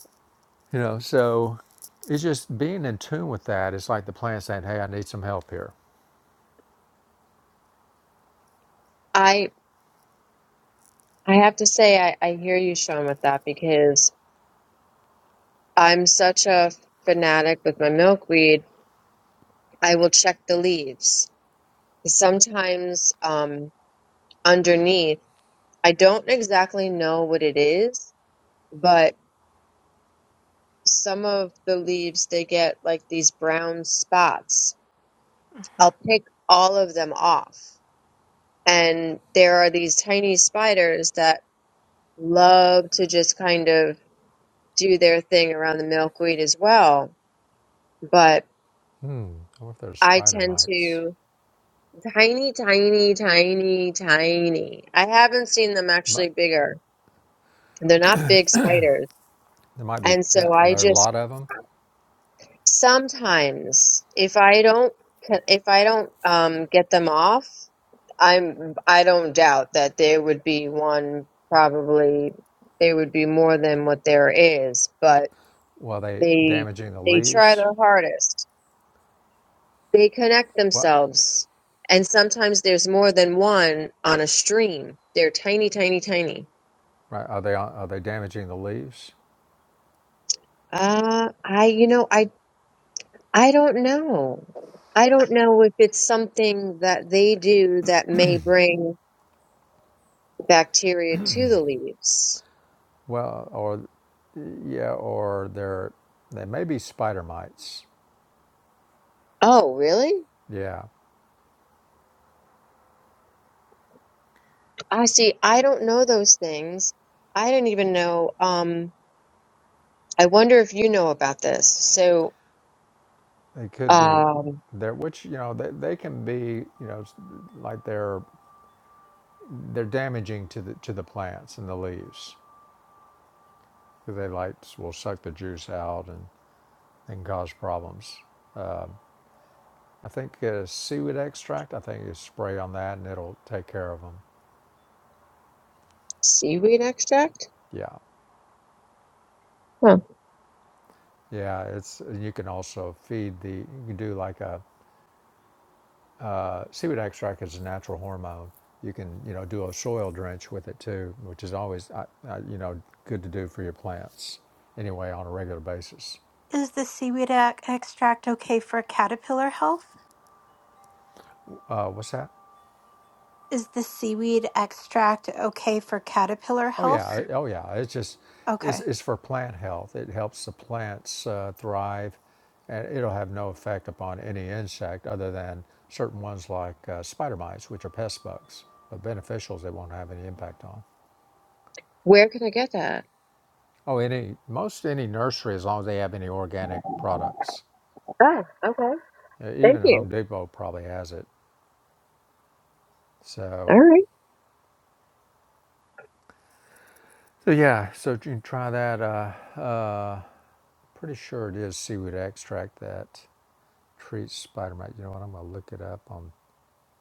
[SPEAKER 2] you know. So it's just being in tune with that. It's like the plant saying, hey, I need some help here.
[SPEAKER 3] I I have to say I, I hear you, Sean, with that because I'm such a fanatic with my milkweed. I will check the leaves. Sometimes um, underneath. I don't exactly know what it is, but some of the leaves they get like these brown spots.
[SPEAKER 1] hmm
[SPEAKER 3] I'll pick all of them off. And there are these tiny spiders that love to just kind of do their thing around the milkweed as well. But
[SPEAKER 2] Hmm, I wonder if there's
[SPEAKER 3] I
[SPEAKER 2] spider
[SPEAKER 3] tend
[SPEAKER 2] mites.
[SPEAKER 3] to tiny, tiny, tiny, tiny. I haven't seen them
[SPEAKER 2] But
[SPEAKER 3] actually bigger. They're not big spiders.
[SPEAKER 2] There might be,
[SPEAKER 3] And
[SPEAKER 2] uh,
[SPEAKER 3] so I
[SPEAKER 2] there are a
[SPEAKER 3] just
[SPEAKER 2] lot of them.
[SPEAKER 3] Sometimes, if I don't, if I don't um, get them off, I'm, I don't doubt that there would be one. Probably there would be more than what there is, but
[SPEAKER 2] Well, are they
[SPEAKER 3] they
[SPEAKER 2] damaging the
[SPEAKER 3] they try
[SPEAKER 2] leaves?
[SPEAKER 3] their hardest. They connect
[SPEAKER 2] What,
[SPEAKER 3] themselves, and sometimes there's more than one on a stream. They're tiny, tiny, tiny.
[SPEAKER 2] right, are they, are they damaging the leaves?
[SPEAKER 3] Uh, I, you know, I, I don't know. I don't know if it's something that they do that may bring the bacteria to the leaves.
[SPEAKER 2] Well, or yeah, or there they may be spider mites.
[SPEAKER 3] Oh, really?
[SPEAKER 2] Yeah,
[SPEAKER 3] I see. I don't know those things. I didn't even know. Um, I wonder if you know about this. So,
[SPEAKER 2] they could be
[SPEAKER 3] um,
[SPEAKER 2] there, which you know they, they can be you know s- like they're they're damaging to the to the plants and the leaves. They like will suck the juice out and and cause problems. I think uh, seaweed extract. I think you spray on that and it'll take care of them.
[SPEAKER 3] seaweed extract?
[SPEAKER 2] Yeah,
[SPEAKER 3] Huh.
[SPEAKER 2] yeah. It's you can also feed the you can do like a Uh, seaweed extract is a natural hormone. You can, you know, do a soil drench with it too, which is always, uh, uh, you know, good to do for your plants anyway on a regular basis.
[SPEAKER 1] Is the seaweed ac- extract okay for caterpillar health?
[SPEAKER 2] Uh, what's that?
[SPEAKER 1] Is the seaweed extract okay for caterpillar
[SPEAKER 2] Oh yeah,
[SPEAKER 1] health?
[SPEAKER 2] uh, oh yeah. It's just, it's,
[SPEAKER 1] Okay.
[SPEAKER 2] it's for plant health. It helps the plants uh, thrive, and it'll have no effect upon any insect other than certain ones like uh, spider mites, which are pest bugs. But beneficials, they won't have any impact on.
[SPEAKER 3] Where can I get that?
[SPEAKER 2] Oh, any most any nursery as long as they have any organic products
[SPEAKER 3] Oh, okay.
[SPEAKER 2] Uh,
[SPEAKER 3] Thank
[SPEAKER 2] Even
[SPEAKER 3] you.
[SPEAKER 2] Home Depot probably has it.
[SPEAKER 3] All
[SPEAKER 2] So,
[SPEAKER 3] right.
[SPEAKER 2] so yeah, so you can try that. Uh, pretty sure it is seaweed extract that treats spider mite. You know what? I'm going to look it up on.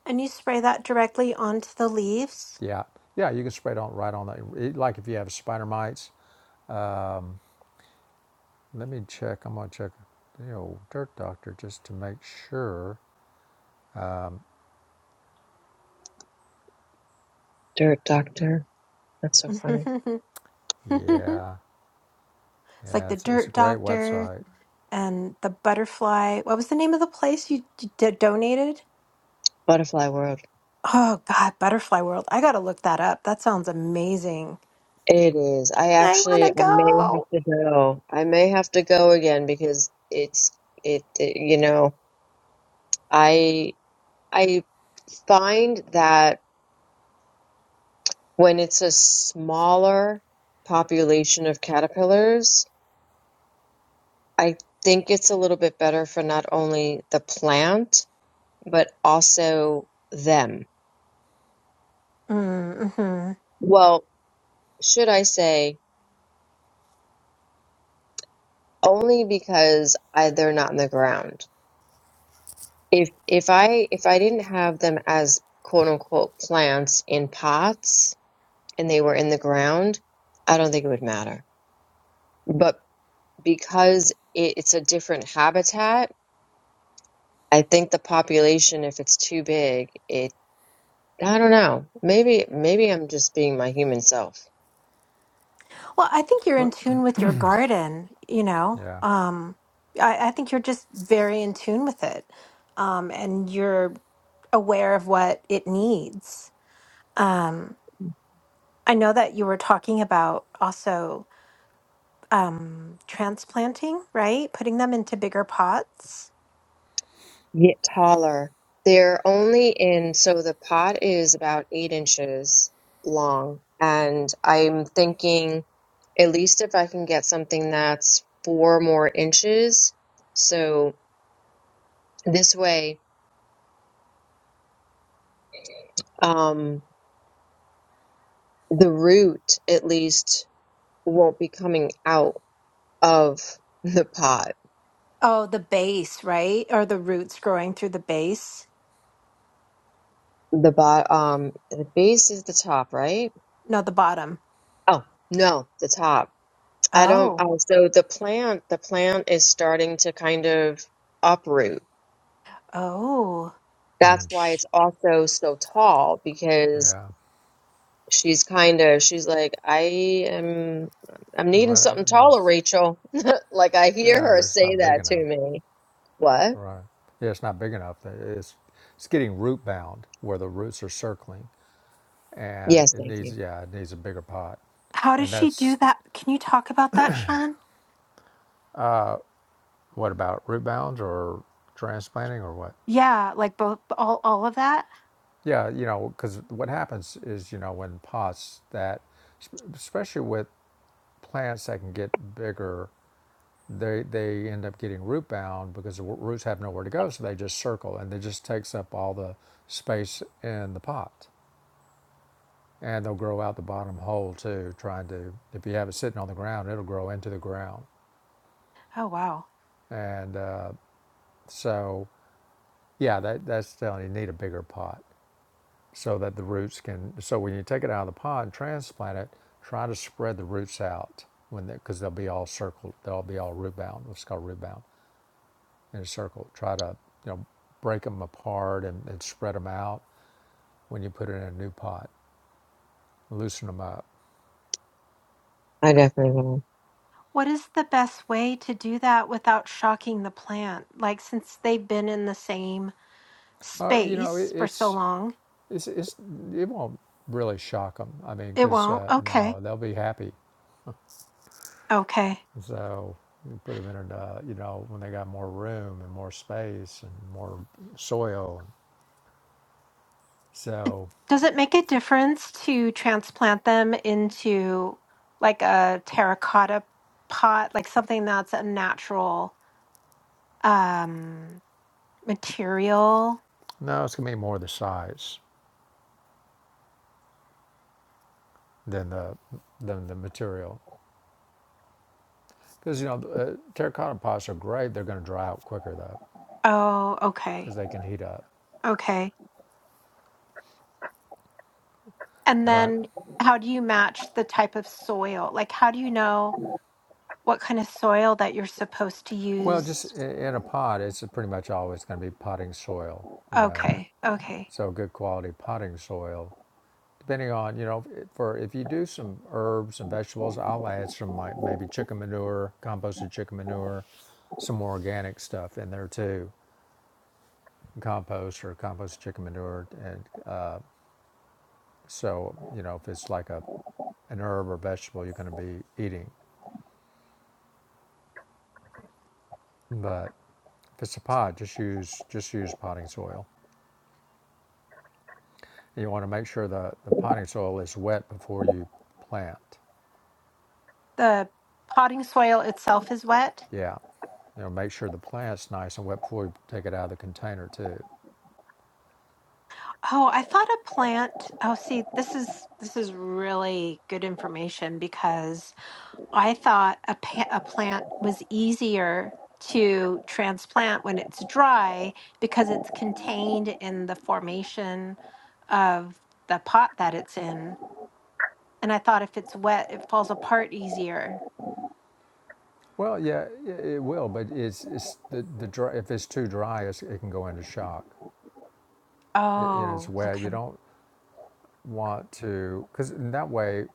[SPEAKER 1] And you spray that directly onto the leaves.
[SPEAKER 2] Yeah, yeah, you can spray it on right on that. Like if you have spider mites, let me check. I'm going to check the old Dirt Doctor just to make sure.
[SPEAKER 3] Dirt doctor. That's
[SPEAKER 1] <laughs>
[SPEAKER 3] so funny.
[SPEAKER 1] it's
[SPEAKER 2] Yeah,
[SPEAKER 1] like
[SPEAKER 2] yeah,
[SPEAKER 1] the
[SPEAKER 2] it's, it's a
[SPEAKER 1] dirt
[SPEAKER 2] great
[SPEAKER 1] doctor
[SPEAKER 2] website.
[SPEAKER 1] and the butterfly. What was the name of the place you d- d- donated?
[SPEAKER 3] Butterfly world.
[SPEAKER 1] Oh, God, Butterfly World. I got to look that up. That sounds amazing.
[SPEAKER 3] It is. I
[SPEAKER 1] I want
[SPEAKER 3] actually,
[SPEAKER 1] to
[SPEAKER 3] I may have
[SPEAKER 1] go.
[SPEAKER 3] to go. I may have to go again because it's, it, it you know, I I find that when it's a smaller population of caterpillars, I think it's a little bit better for not only the plant, but also them.
[SPEAKER 1] Mm-hmm.
[SPEAKER 3] Well, should I say only because I, they're not in the ground. If if I if I didn't have them as quote unquote plants in pots and they were in the ground, I don't think it would matter. But because it, it's a different habitat, I think the population, if it's too big, it I don't know. Maybe maybe I'm just being my human self.
[SPEAKER 1] Well, I think you're
[SPEAKER 2] Huh,
[SPEAKER 1] in tune with your garden, you know.
[SPEAKER 2] Yeah,
[SPEAKER 1] Um, I, I think you're just very in tune with it. Um, and you're aware of what it needs. Um, I know that you were talking about also um, transplanting, right? Putting them into bigger pots.
[SPEAKER 3] Yeah. Taller. They're only in so the pot is about eight inches long, and I'm thinking at least if I can get something that's four more inches, so this way, um, the root at least won't be coming out of the pot.
[SPEAKER 1] Oh, the base, right? Or the roots growing through the base?
[SPEAKER 3] The bot, um, the base is the top, right?
[SPEAKER 1] No, the bottom.
[SPEAKER 3] Oh, no, the top. I don't,
[SPEAKER 1] Oh,
[SPEAKER 3] oh, so the plant, the plant is starting to kind of uproot.
[SPEAKER 1] oh.
[SPEAKER 3] That's
[SPEAKER 2] mm-hmm.
[SPEAKER 3] why it's also so tall because
[SPEAKER 2] yeah,
[SPEAKER 3] she's kind of, she's like, I am, I'm
[SPEAKER 2] the
[SPEAKER 3] needing
[SPEAKER 2] right,
[SPEAKER 3] something taller,
[SPEAKER 2] there's,
[SPEAKER 3] Rachel. <laughs> Like I hear
[SPEAKER 2] yeah,
[SPEAKER 3] her
[SPEAKER 2] that's
[SPEAKER 3] say
[SPEAKER 2] not big
[SPEAKER 3] that to
[SPEAKER 2] enough.
[SPEAKER 3] me. What?
[SPEAKER 2] Right. Yeah, it's not big enough. It's it's getting root bound where the roots are circling, and
[SPEAKER 3] Yes,
[SPEAKER 2] it
[SPEAKER 3] thank you.
[SPEAKER 2] needs yeah, it needs a bigger pot.
[SPEAKER 1] How does
[SPEAKER 2] And
[SPEAKER 1] she do
[SPEAKER 2] that's
[SPEAKER 1] that? Can you talk about that, Sean?
[SPEAKER 2] what about root bound or transplanting or what?
[SPEAKER 1] Yeah, like both all all of that?
[SPEAKER 2] Yeah, you know, because what happens is you know when pots that, especially with plants that can get bigger, they they end up getting root bound because the wo- roots have nowhere to go, so they just circle and it just takes up all the space in the pot. and they'll grow out the bottom hole too. Trying to, if you have it sitting on the ground, it'll grow into the ground.
[SPEAKER 1] Oh wow.
[SPEAKER 2] And uh, so, yeah, that, that's telling you need a bigger pot so that the roots can. So when you take it out of the pot and transplant it, try to spread the roots out when because they, they'll be all circled. They'll be all root bound. What's called root bound in a circle. Try to you know break them apart and, and spread them out when you put it in a new pot. Loosen them up.
[SPEAKER 3] I definitely will.
[SPEAKER 1] What is the best way to do that without shocking the plant? Like since they've been in the same
[SPEAKER 2] Uh, you know, it,
[SPEAKER 1] space for so
[SPEAKER 2] it's
[SPEAKER 1] long,
[SPEAKER 2] It's, it's, it won't really shock them. I mean,
[SPEAKER 1] it
[SPEAKER 2] because
[SPEAKER 1] won't.
[SPEAKER 2] uh, no,
[SPEAKER 1] Okay.
[SPEAKER 2] they'll be happy.
[SPEAKER 1] Okay.
[SPEAKER 2] So you put them in, an, uh, you know, when they got more room and more space and more soil. So
[SPEAKER 1] Does it make a difference to transplant them into like a terracotta pot, like something that's a natural um material?
[SPEAKER 2] no, it's gonna be more the size than the than the material. Because you know, uh, terracotta pots are great. They're gonna dry out quicker though,
[SPEAKER 1] Oh, okay.
[SPEAKER 2] because they can heat up.
[SPEAKER 1] Okay. And
[SPEAKER 2] But
[SPEAKER 1] then how do you match the type of soil? Like, how do you know what kind of soil that you're supposed to
[SPEAKER 2] well, just
[SPEAKER 1] use?
[SPEAKER 2] i- in a pot, it's pretty much always going to be potting soil, you know.
[SPEAKER 1] Okay, okay.
[SPEAKER 2] So good quality potting soil depending on you know for if you do some herbs and vegetables i'll add some like maybe chicken manure composted chicken manure some more organic stuff in there too compost or composted chicken manure and uh, so you know if it's like a an herb or vegetable you're going to be eating but if it's a pot just use just use potting soil and you want to make sure the, the potting soil is wet before you plant
[SPEAKER 1] The potting soil itself is wet.
[SPEAKER 2] yeah you know make sure the plant's nice and wet before you take it out of the container too
[SPEAKER 1] Oh, I thought a plant. Oh, see, this is this is really good information because I thought a pa- a plant was easier to transplant when it's dry because it's contained in the formation of the pot that it's in And I thought if it's wet, it falls apart easier.
[SPEAKER 2] Well, yeah, yeah, it will, but it's it's the the dry, if it's too dry, it's, it can go into shock. It, you know, it's
[SPEAKER 1] Oh,
[SPEAKER 2] wet. You
[SPEAKER 1] okay.
[SPEAKER 2] don't want to because in that way,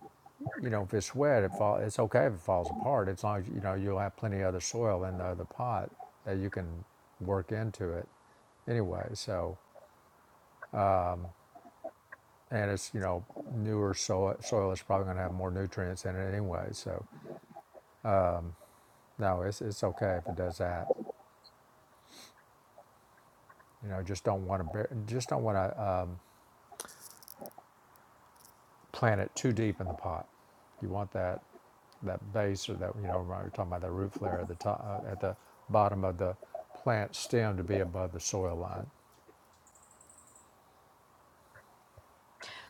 [SPEAKER 2] you know, if it's wet, it fall, it's okay if it falls apart as long as you know you'll have plenty of other soil in the other pot that you can work into it anyway. So, and it's you know newer soil soil is probably going to have more nutrients in it anyway. So, no, it's it's okay if it does that. You know, just don't want to just don't want to plant it too deep in the pot. You want that that base or that you know we are talking about that root flare at the top uh, at the bottom of the plant stem to be above the soil line.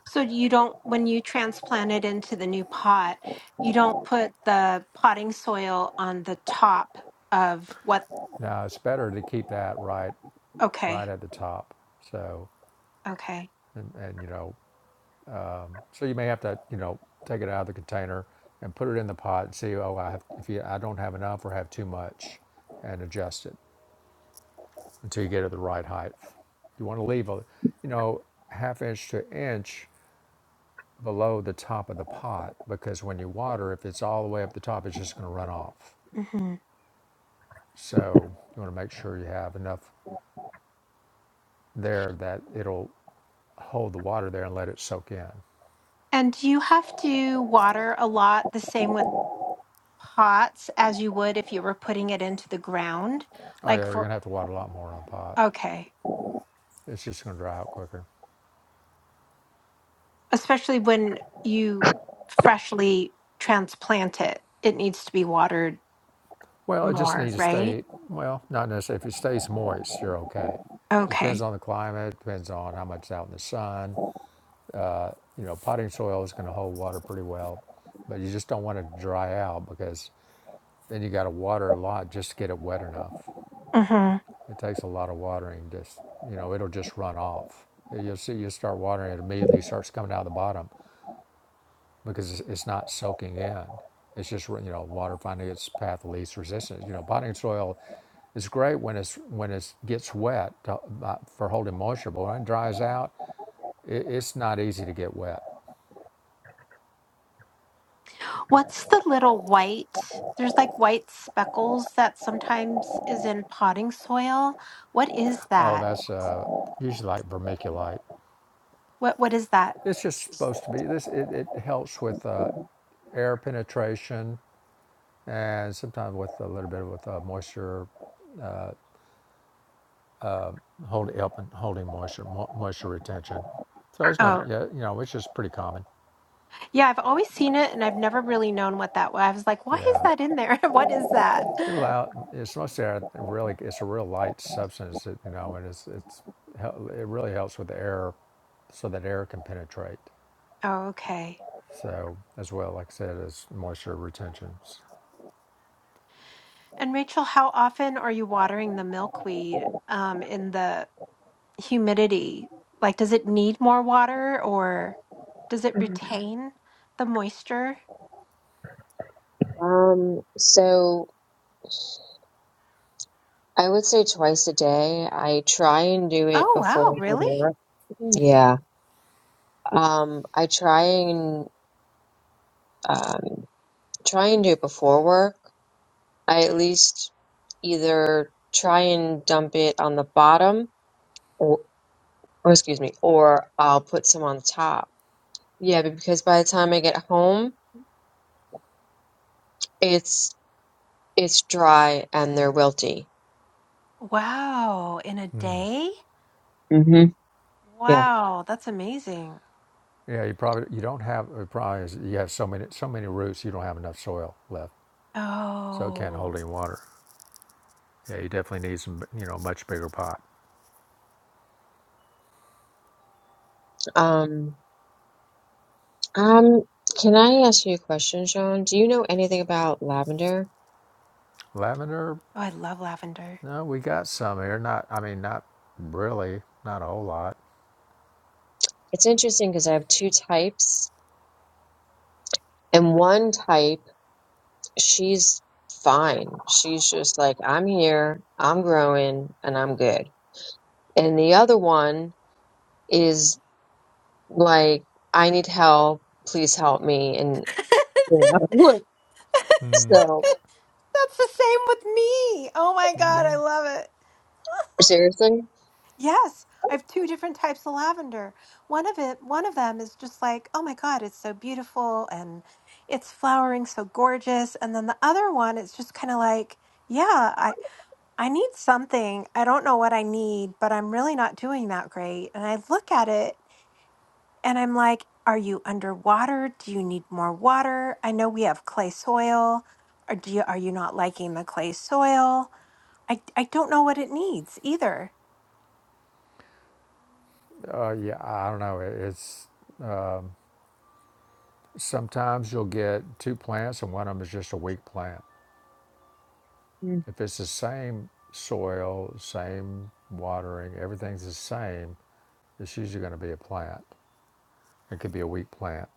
[SPEAKER 1] So you don't, when you transplant it into the new pot, you don't put the potting soil on the top of what,
[SPEAKER 2] Now it's better to keep that right
[SPEAKER 1] okay,
[SPEAKER 2] right at the top. So
[SPEAKER 1] okay.
[SPEAKER 2] and, and you know so you may have to you know take it out of the container and put it in the pot and see oh I have if you, I don't have enough or have too much and adjust it until you get it the right height. You want to leave a you know half inch to inch below the top of the pot because when you water, if it's all the way up the top, it's just going to run off.
[SPEAKER 1] hmm
[SPEAKER 2] So you want to make sure you have enough there that it'll hold the water there and let it soak in.
[SPEAKER 1] And do you have to water a lot the same with pots as you would if you were putting it into the ground?
[SPEAKER 2] Oh
[SPEAKER 1] Like
[SPEAKER 2] yeah, you're going
[SPEAKER 1] for,
[SPEAKER 2] to have to water a lot more on a pot.
[SPEAKER 1] okay,
[SPEAKER 2] It's just going to dry out quicker.
[SPEAKER 1] especially when you freshly transplant it, it needs to be watered
[SPEAKER 2] Well, it just
[SPEAKER 1] more,
[SPEAKER 2] needs to
[SPEAKER 1] right?
[SPEAKER 2] stay, well, not necessarily. If it stays moist, you're okay. Just depends
[SPEAKER 1] Okay.
[SPEAKER 2] on the climate, depends on how much it's out in the sun. You know, potting soil is going to hold water pretty well, but you just don't want it to dry out because Then you got to water a lot just to get it wet enough.
[SPEAKER 1] hmm
[SPEAKER 2] It takes a lot of watering. Just you know, it'll just run off. You'll see. You start watering it immediately starts coming out of the bottom because it's not soaking in. It's just you know water finding its path of least resistance. You know, potting soil is great when it's when it gets wet to, uh, for holding moisture, but when it dries out, it, it's not easy to get wet.
[SPEAKER 1] What's the little white? There's like white speckles that sometimes is in potting soil. What is
[SPEAKER 2] Oh,
[SPEAKER 1] that?
[SPEAKER 2] that's uh, usually like vermiculite.
[SPEAKER 1] What what is that?
[SPEAKER 2] It's just supposed to be this. It, it helps with uh, air penetration and sometimes with a little bit of with uh, moisture hold, helping holding moisture mo- moisture retention. So it's nothing.
[SPEAKER 1] Oh,
[SPEAKER 2] Yeah, you know, it's just pretty common.
[SPEAKER 1] yeah, I've always seen it and I've never really known what that was. I was like, why is
[SPEAKER 2] Yeah,
[SPEAKER 1] that in there? <laughs> What is that?
[SPEAKER 2] it allow it's mostly a really it's a real light substance. That, you know, and it's it's hel- it really helps with the air, so that air can penetrate.
[SPEAKER 1] Oh, okay.
[SPEAKER 2] So as well, like I said, as moisture retentions.
[SPEAKER 1] And Rachel, how often are you watering the milkweed um, in the humidity? Like, does it need more water or does it retain the moisture?
[SPEAKER 3] Um, so. I would say twice a day. I try and do it
[SPEAKER 1] Oh,
[SPEAKER 3] before
[SPEAKER 1] wow.
[SPEAKER 3] I go to
[SPEAKER 1] Really?
[SPEAKER 3] work. Yeah. Um, I try and um, try and do it before work. I at least either try and dump it on the bottom, or, or excuse me, or I'll put some on the top. Yeah, but because by the time I get home, it's it's dry and they're wilty.
[SPEAKER 1] Wow. In a
[SPEAKER 2] Hmm.
[SPEAKER 1] day?
[SPEAKER 3] hmm Yeah.
[SPEAKER 1] Wow. That's amazing.
[SPEAKER 2] Yeah, you probably you don't have the problem is you have so many so many roots you don't have enough soil left, so it can't hold
[SPEAKER 1] Oh,
[SPEAKER 2] any water. Yeah, you definitely need some, you know, much bigger pot.
[SPEAKER 3] Um. Um. Can I ask you a question, Sean? Do you know anything about lavender?
[SPEAKER 2] Lavender,
[SPEAKER 1] oh I love lavender.
[SPEAKER 2] no, we got some here. Not, I mean, not really, not a whole lot.
[SPEAKER 3] It's interesting because I have two types, and one type, she's fine. She's just like, I'm here, I'm growing, and I'm good. And the other one is like, I need help, please help me.
[SPEAKER 1] <laughs>
[SPEAKER 3] And,
[SPEAKER 1] That's
[SPEAKER 3] you know, <laughs> so
[SPEAKER 1] the same with me. Oh my God, I love it.
[SPEAKER 3] seriously,
[SPEAKER 1] Yes, I have two different types of lavender. One of it, one of them is just like, oh my God, it's so beautiful and it's flowering so gorgeous. And then the other one, it's just kind of like, yeah, I need something. I don't know what I need, but I'm really not doing that great. And I look at it and I'm like, are you underwater? Do you need more water? I know we have clay soil. Or do you, are you not liking the clay soil? I, I don't know what it needs either.
[SPEAKER 2] Uh, yeah, I don't know. It- It's sometimes you'll get two plants and one of them is just a weak plant.
[SPEAKER 3] Mm.
[SPEAKER 2] If it's the same soil, same watering, everything's the same, it's usually going to be a plant. It could be a weak plant.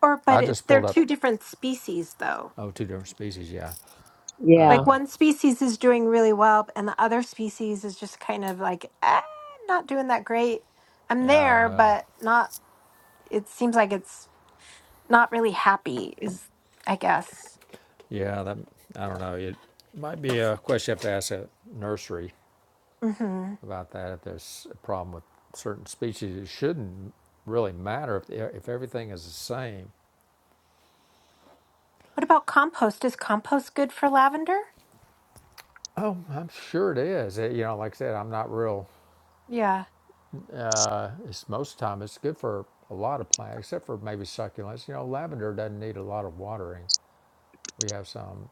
[SPEAKER 1] Or,
[SPEAKER 2] I
[SPEAKER 1] but it,
[SPEAKER 2] just
[SPEAKER 1] they're
[SPEAKER 2] pulled up
[SPEAKER 1] two different species though.
[SPEAKER 2] oh two different species. Yeah,
[SPEAKER 1] Like
[SPEAKER 3] yeah.
[SPEAKER 1] one species is doing really well, and the other species is just kind of like, eh, not doing that great. I'm
[SPEAKER 2] yeah. I don't
[SPEAKER 1] there,
[SPEAKER 2] know.
[SPEAKER 1] but not, it seems like it's not really happy is i guess
[SPEAKER 2] Yeah, that I don't know. It might be a question you have to ask a nursery
[SPEAKER 1] hmm
[SPEAKER 2] about that. If there's a problem with certain species, it shouldn't really matter if if everything is the same.
[SPEAKER 1] what about compost is compost good for lavender
[SPEAKER 2] Oh, I'm sure it is. It- you know, like I said, I'm not real.
[SPEAKER 1] yeah
[SPEAKER 2] Uh, it's most of the time it's good for a lot of plants, except for maybe succulents. You know, lavender doesn't need a lot of watering. We have some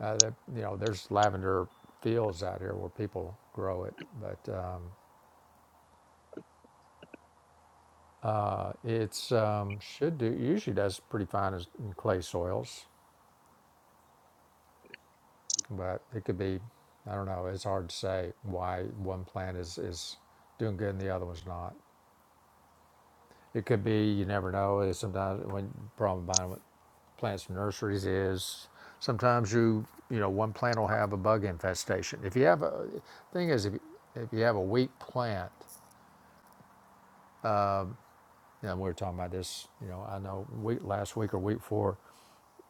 [SPEAKER 2] uh, that you know. There's lavender fields out here where people grow it, but um, uh, it's um, should do usually does pretty fine as, in clay soils. But it could be, I don't know, it's hard to say why one plant is, is doing good and the other one's not. It could be, you never know. It's sometimes when problem buying with plants from nurseries is sometimes you, you know, one plant will have a bug infestation. If you have a, thing is, if, if you have a weak plant, you know, we were talking about this, you know, I know week, last week or week four.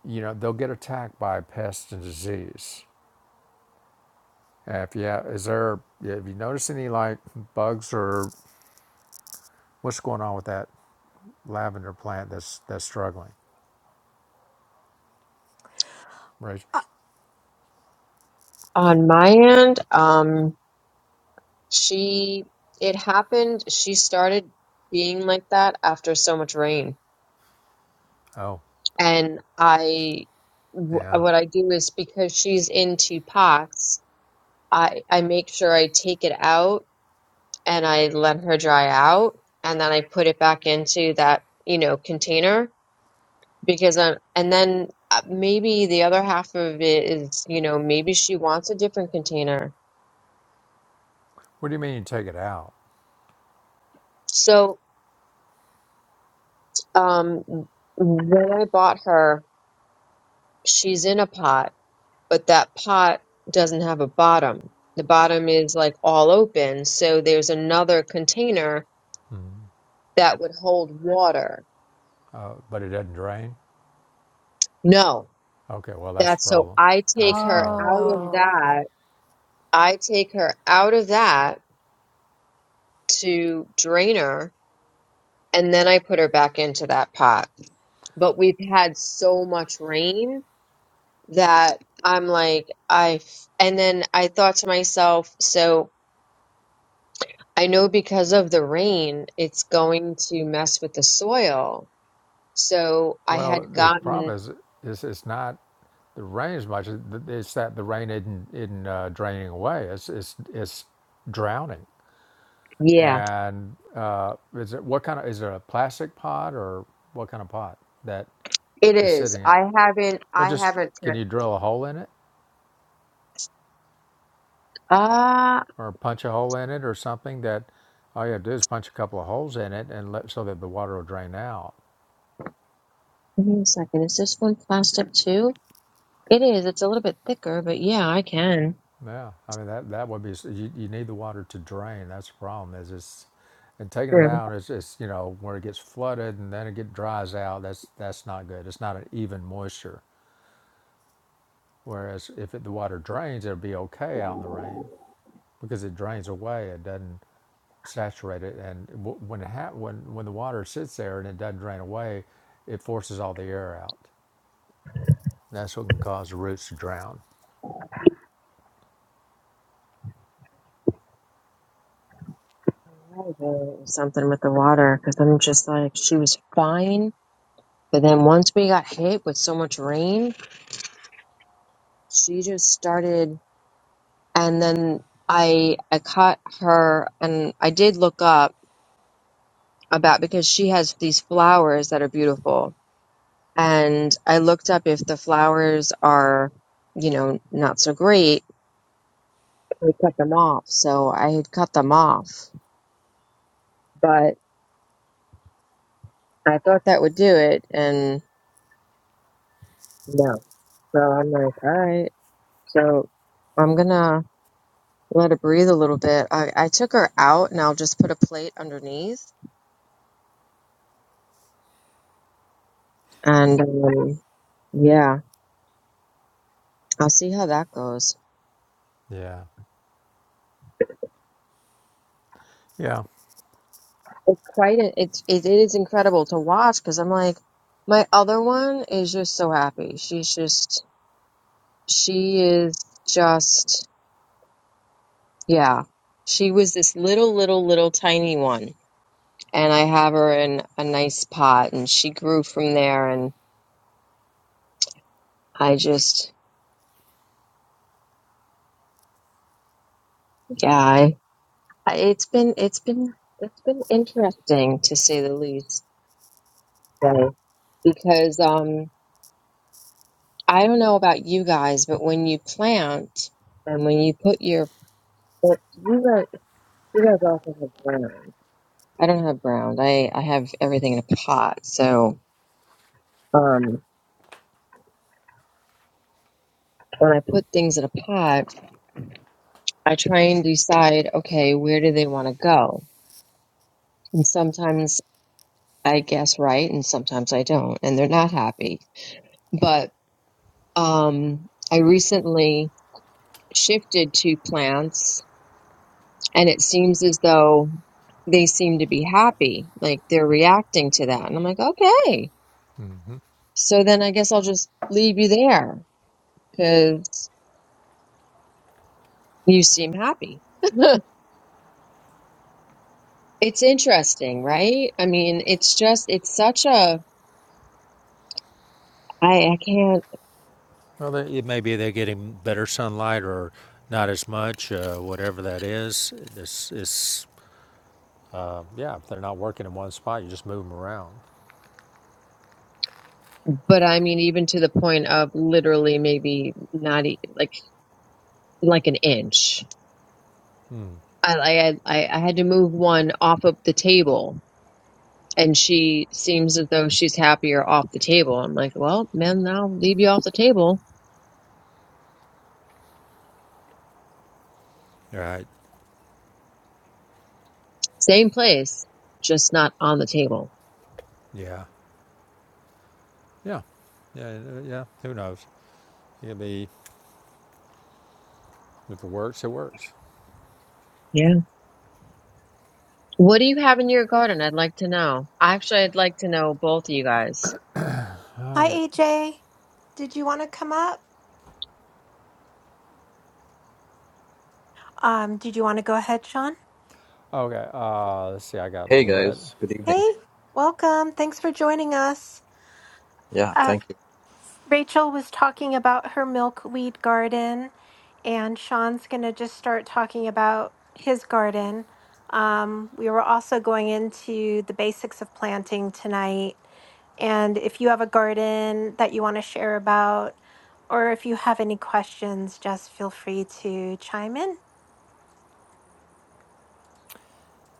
[SPEAKER 2] you know, they'll get attacked by pests and disease. Uh, If you have, is there, if you notice any like bugs or What's going on with that lavender plant that's that's struggling, Rachel?
[SPEAKER 3] On my end, um, she, it happened, she started being like that after so much rain
[SPEAKER 2] Oh,
[SPEAKER 3] and I w-
[SPEAKER 2] yeah.
[SPEAKER 3] what I do is because she's into pox, I I make sure I take it out and I let her dry out, and then I put it back into that you know container because I and then uh, maybe the other half of it is you know maybe she wants a different container.
[SPEAKER 2] What do you mean you take it out,
[SPEAKER 3] So um, when I bought her, she's in a pot but that pot doesn't have a bottom. The bottom is like all open, so there's another container that would hold water.
[SPEAKER 2] uh, but it doesn't drain?
[SPEAKER 3] No,
[SPEAKER 2] Okay, well that's the
[SPEAKER 3] that's so
[SPEAKER 2] problem.
[SPEAKER 3] I
[SPEAKER 2] That's
[SPEAKER 3] take
[SPEAKER 2] the
[SPEAKER 3] her
[SPEAKER 2] problem.
[SPEAKER 3] out of
[SPEAKER 1] Oh,
[SPEAKER 3] that. I take her out of that to drain her, and then I put her back into that pot. But we've had so much rain that I'm like, I, and then I thought to myself, so I know because of the rain, it's going to mess with the soil. So I
[SPEAKER 2] Well,
[SPEAKER 3] had
[SPEAKER 2] the
[SPEAKER 3] gotten,
[SPEAKER 2] problem is is it's not the rain as much. It's that the rain isn't isn't uh, draining away. It's it's it's drowning.
[SPEAKER 3] yeah,
[SPEAKER 2] And uh, is it what kind of is it a plastic pot or what kind of pot that
[SPEAKER 3] it
[SPEAKER 2] is
[SPEAKER 3] is.
[SPEAKER 2] sitting? It
[SPEAKER 3] I haven't,
[SPEAKER 2] well,
[SPEAKER 3] I
[SPEAKER 2] just
[SPEAKER 3] haven't, t-
[SPEAKER 2] can you drill a hole in it?
[SPEAKER 3] uh,
[SPEAKER 2] or punch a hole in it or something that all you have to do is punch a couple of holes in it and let so that the water will drain out.
[SPEAKER 3] wait a second. Is this one plastic too? It is. It's a little bit thicker, but yeah, I can.
[SPEAKER 2] Yeah, I mean that that would be you, you need the water to drain. That's the problem is it's and taking it
[SPEAKER 3] True.
[SPEAKER 2] out is is you know where it gets flooded and then it get dries out. That's that's not good. It's not an even moisture. Whereas if it, the water drains, it'll be okay out in the rain because it drains away. It doesn't saturate it, and when it ha- when when the water sits there and it doesn't drain away, it forces all the air out. That's what can cause the roots to drown.
[SPEAKER 3] I did Something with the water because I'm just like, she was fine. But then once we got hit with so much rain, she just started, and then I, I caught her and I did look up about because she has these flowers that are beautiful. And I looked up if the flowers are, you know, not so great, we cut them off. So I had cut them off, but I thought that would do it. And no. So I'm like, all right. So I'm going to let it breathe a little bit. I, I took her out and I'll just put a plate underneath. And um, yeah, I'll see how that goes.
[SPEAKER 2] Yeah. Yeah.
[SPEAKER 3] It's quite a, it's it is incredible to watch because I'm like, my other one is just so happy. She's just she is just yeah. She was this little little little tiny one, and I have her in a nice pot, and she grew from there. And I just yeah, I, I- it's been it's been it's been interesting to say the least uh, because um I don't know about you guys, but when you plant and when you put your But you guys, you guys also have brown. I don't have brown. I I have everything in a pot. So um, when I put things in a pot, I try and decide, okay, where do they want to go? And sometimes I guess right, and sometimes I don't, and they're not happy. But um, I recently shifted to plants, and it seems as though they seem to be happy, like they're reacting to that. And I'm like, okay. So then I guess I'll just leave you there because you seem happy. It's interesting, right? I mean, it's just, it's such a, I, I can't,
[SPEAKER 2] Well, they, it may they're getting better sunlight or not as much, uh, whatever that is. It's, it's, yeah, if they're not working in one spot, you just move them around.
[SPEAKER 3] but I mean, even to the point of literally maybe not e- like, like an inch. I, I, had- I I had to move one off of the table and she seems as though she's happier off the table. I'm like, well, man, I'll leave you off the table.
[SPEAKER 2] Right.
[SPEAKER 3] Same place, just not on the table.
[SPEAKER 2] Yeah. Yeah. Yeah. uh, Yeah. Who knows? It'll be, if it works, it works.
[SPEAKER 3] Yeah. What do you have in your garden? I'd like to know. Actually, I'd like to know both of you guys.
[SPEAKER 1] hi
[SPEAKER 2] Okay.
[SPEAKER 1] aj did you want to come up um did you want to go ahead sean
[SPEAKER 2] Okay. Uh, let's see. I got
[SPEAKER 4] Hey
[SPEAKER 2] lead.
[SPEAKER 4] guys, good evening.
[SPEAKER 1] hey welcome thanks for joining us
[SPEAKER 4] Yeah, thank you.
[SPEAKER 1] Rachel was talking about her milkweed garden, and Sean's going to just start talking about his garden. Um, we were also going into the basics of planting tonight. And if you have a garden that you want to share about, or if you have any questions, just feel free to chime in.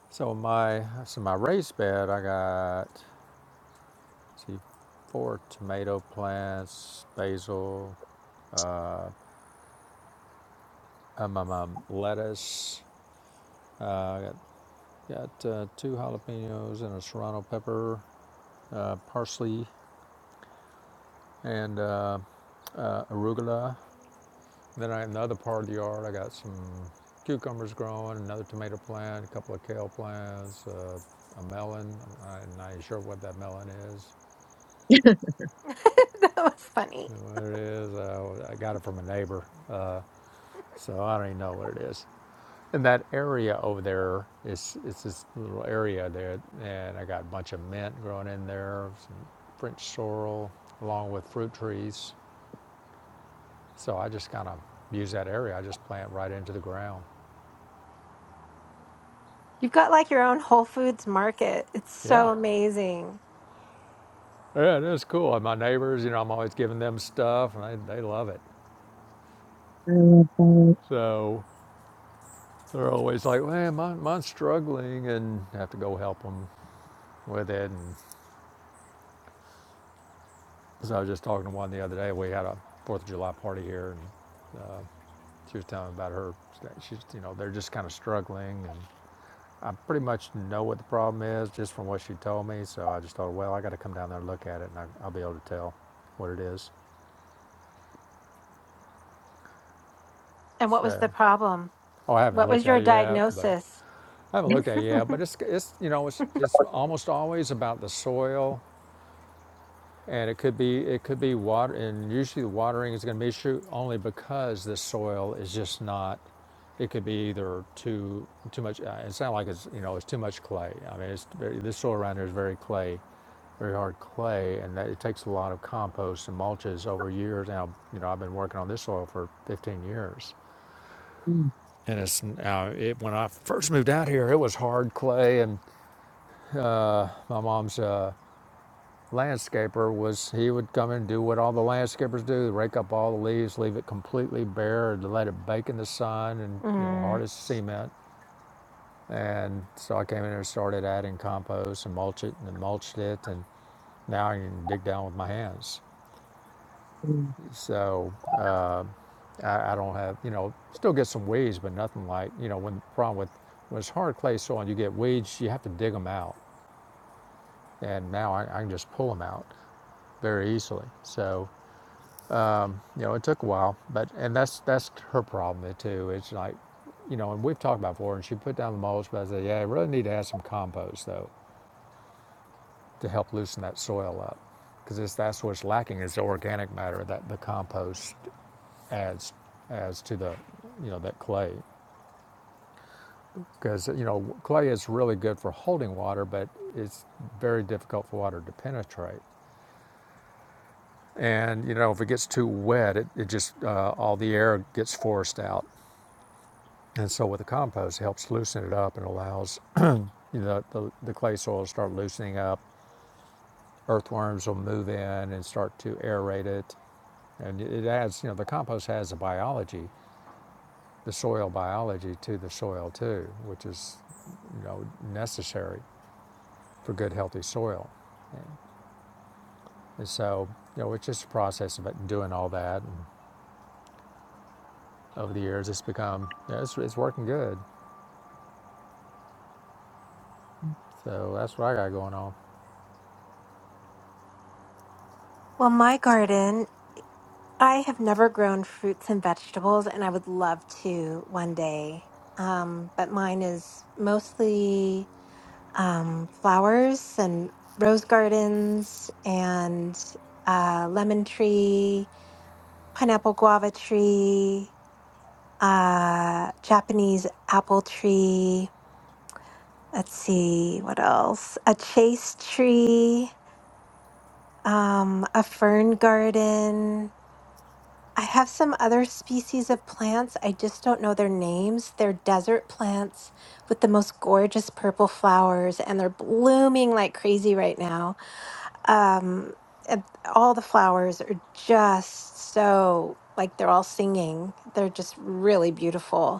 [SPEAKER 2] So my, so my raised bed, I got, let's see, four tomato plants, basil. um, um, um, lettuce. I Uh, got got uh, two jalapenos and a serrano pepper, uh, parsley, and uh, uh, arugula. Then I, in the other part of the yard, I got some cucumbers growing, another tomato plant, a couple of kale plants, uh, a melon. I'm not even sure what that melon is.
[SPEAKER 1] <laughs> that was funny.
[SPEAKER 2] What it is, uh, I got it from a neighbor, uh, so I don't even know what it is. And that area over there is it's this little area there, and I got a bunch of mint growing in there, some French sorrel, along with fruit trees. So I just kind of use that area. I just plant right into the ground.
[SPEAKER 1] You've got like your own Whole Foods market. It's
[SPEAKER 2] Yeah,
[SPEAKER 1] so amazing.
[SPEAKER 2] yeah, it is cool. And my neighbors, you know, I'm always giving them stuff, and they, they love it.
[SPEAKER 3] I love
[SPEAKER 2] So they're always like, "Man, mine, mine's struggling," and I have to go help them with it. And so I was just talking to one the other day. We had a Fourth of July party here, and uh, She was telling me about her. She's, you know, they're just kind of struggling, and I pretty much know what the problem is just from what she told me. So I just thought, well, I got to come down there and look at it, and I, I'll be able to tell what it is.
[SPEAKER 1] And what was
[SPEAKER 2] So,
[SPEAKER 1] the problem?
[SPEAKER 2] oh, I haven't
[SPEAKER 1] What was
[SPEAKER 2] looked at
[SPEAKER 1] your
[SPEAKER 2] it yet, but
[SPEAKER 1] diagnosis?
[SPEAKER 2] I haven't
[SPEAKER 3] that.
[SPEAKER 2] looked at it yet.
[SPEAKER 1] <laughs>
[SPEAKER 2] But it's, it's, you know, it's, it's almost always about the soil and it could be it could be water and usually the watering is going to be an issue only because the soil is just not it could be either too too much uh, it's not like it's you know it's too much clay i mean it's this soil around here is very clay very hard clay and that, it takes a lot of compost and mulches over years now you know i've been working on this soil for 15 years
[SPEAKER 3] Mm,
[SPEAKER 2] and it's now it, when i first moved out here it was hard clay and my mom's uh, landscaper was he would come and do what all the landscapers do rake up all the leaves leave it completely bare and let it bake in the sun and you know
[SPEAKER 1] Mm.
[SPEAKER 2] hard as cement and so i came in there and started adding compost and mulch it and mulched it and now i can dig down with my hands
[SPEAKER 3] mm.
[SPEAKER 2] so uh, I, I don't have you know still get some weeds but nothing like you know when the problem with when it's hard clay soil and you get weeds you have to dig them out and now i, I can just pull them out very easily so you know, it took a while, but and that's that's her problem too. It's like, you know, and we've talked about before, and she put down the mulch, but I said, yeah, I really need to add some compost though to help loosen that soil up, because that's what's lacking is the organic matter that the compost adds adds to the, you know, that clay, because you know clay is really good for holding water, but it's very difficult for water to penetrate. And you know, if it gets too wet, it, it just uh, all the air gets forced out, And so with the compost, it helps loosen it up and allows you know, the, the clay soil to start loosening up. Earthworms will move in and start to aerate it. And it adds, you know, the compost has a biology, the soil biology to the soil too, which is, you know, necessary for good, healthy soil. And so, you know, it's just a process of it- doing all that. And over the years, it's become, yeah, it's, it's working good. So that's what I got going on.
[SPEAKER 1] Well, my garden, I have never grown fruits and vegetables, and I would love to one day. Um, but mine is mostly um, flowers and rose gardens and uh, lemon tree pineapple guava tree, uh, Japanese apple tree. Let's see what else. A chase tree, um, a fern garden. I have some other species of plants. I just don't know their names. They're desert plants with the most gorgeous purple flowers, and they're blooming like crazy right now. Um, and all the flowers are just so like they're all singing. They're just really beautiful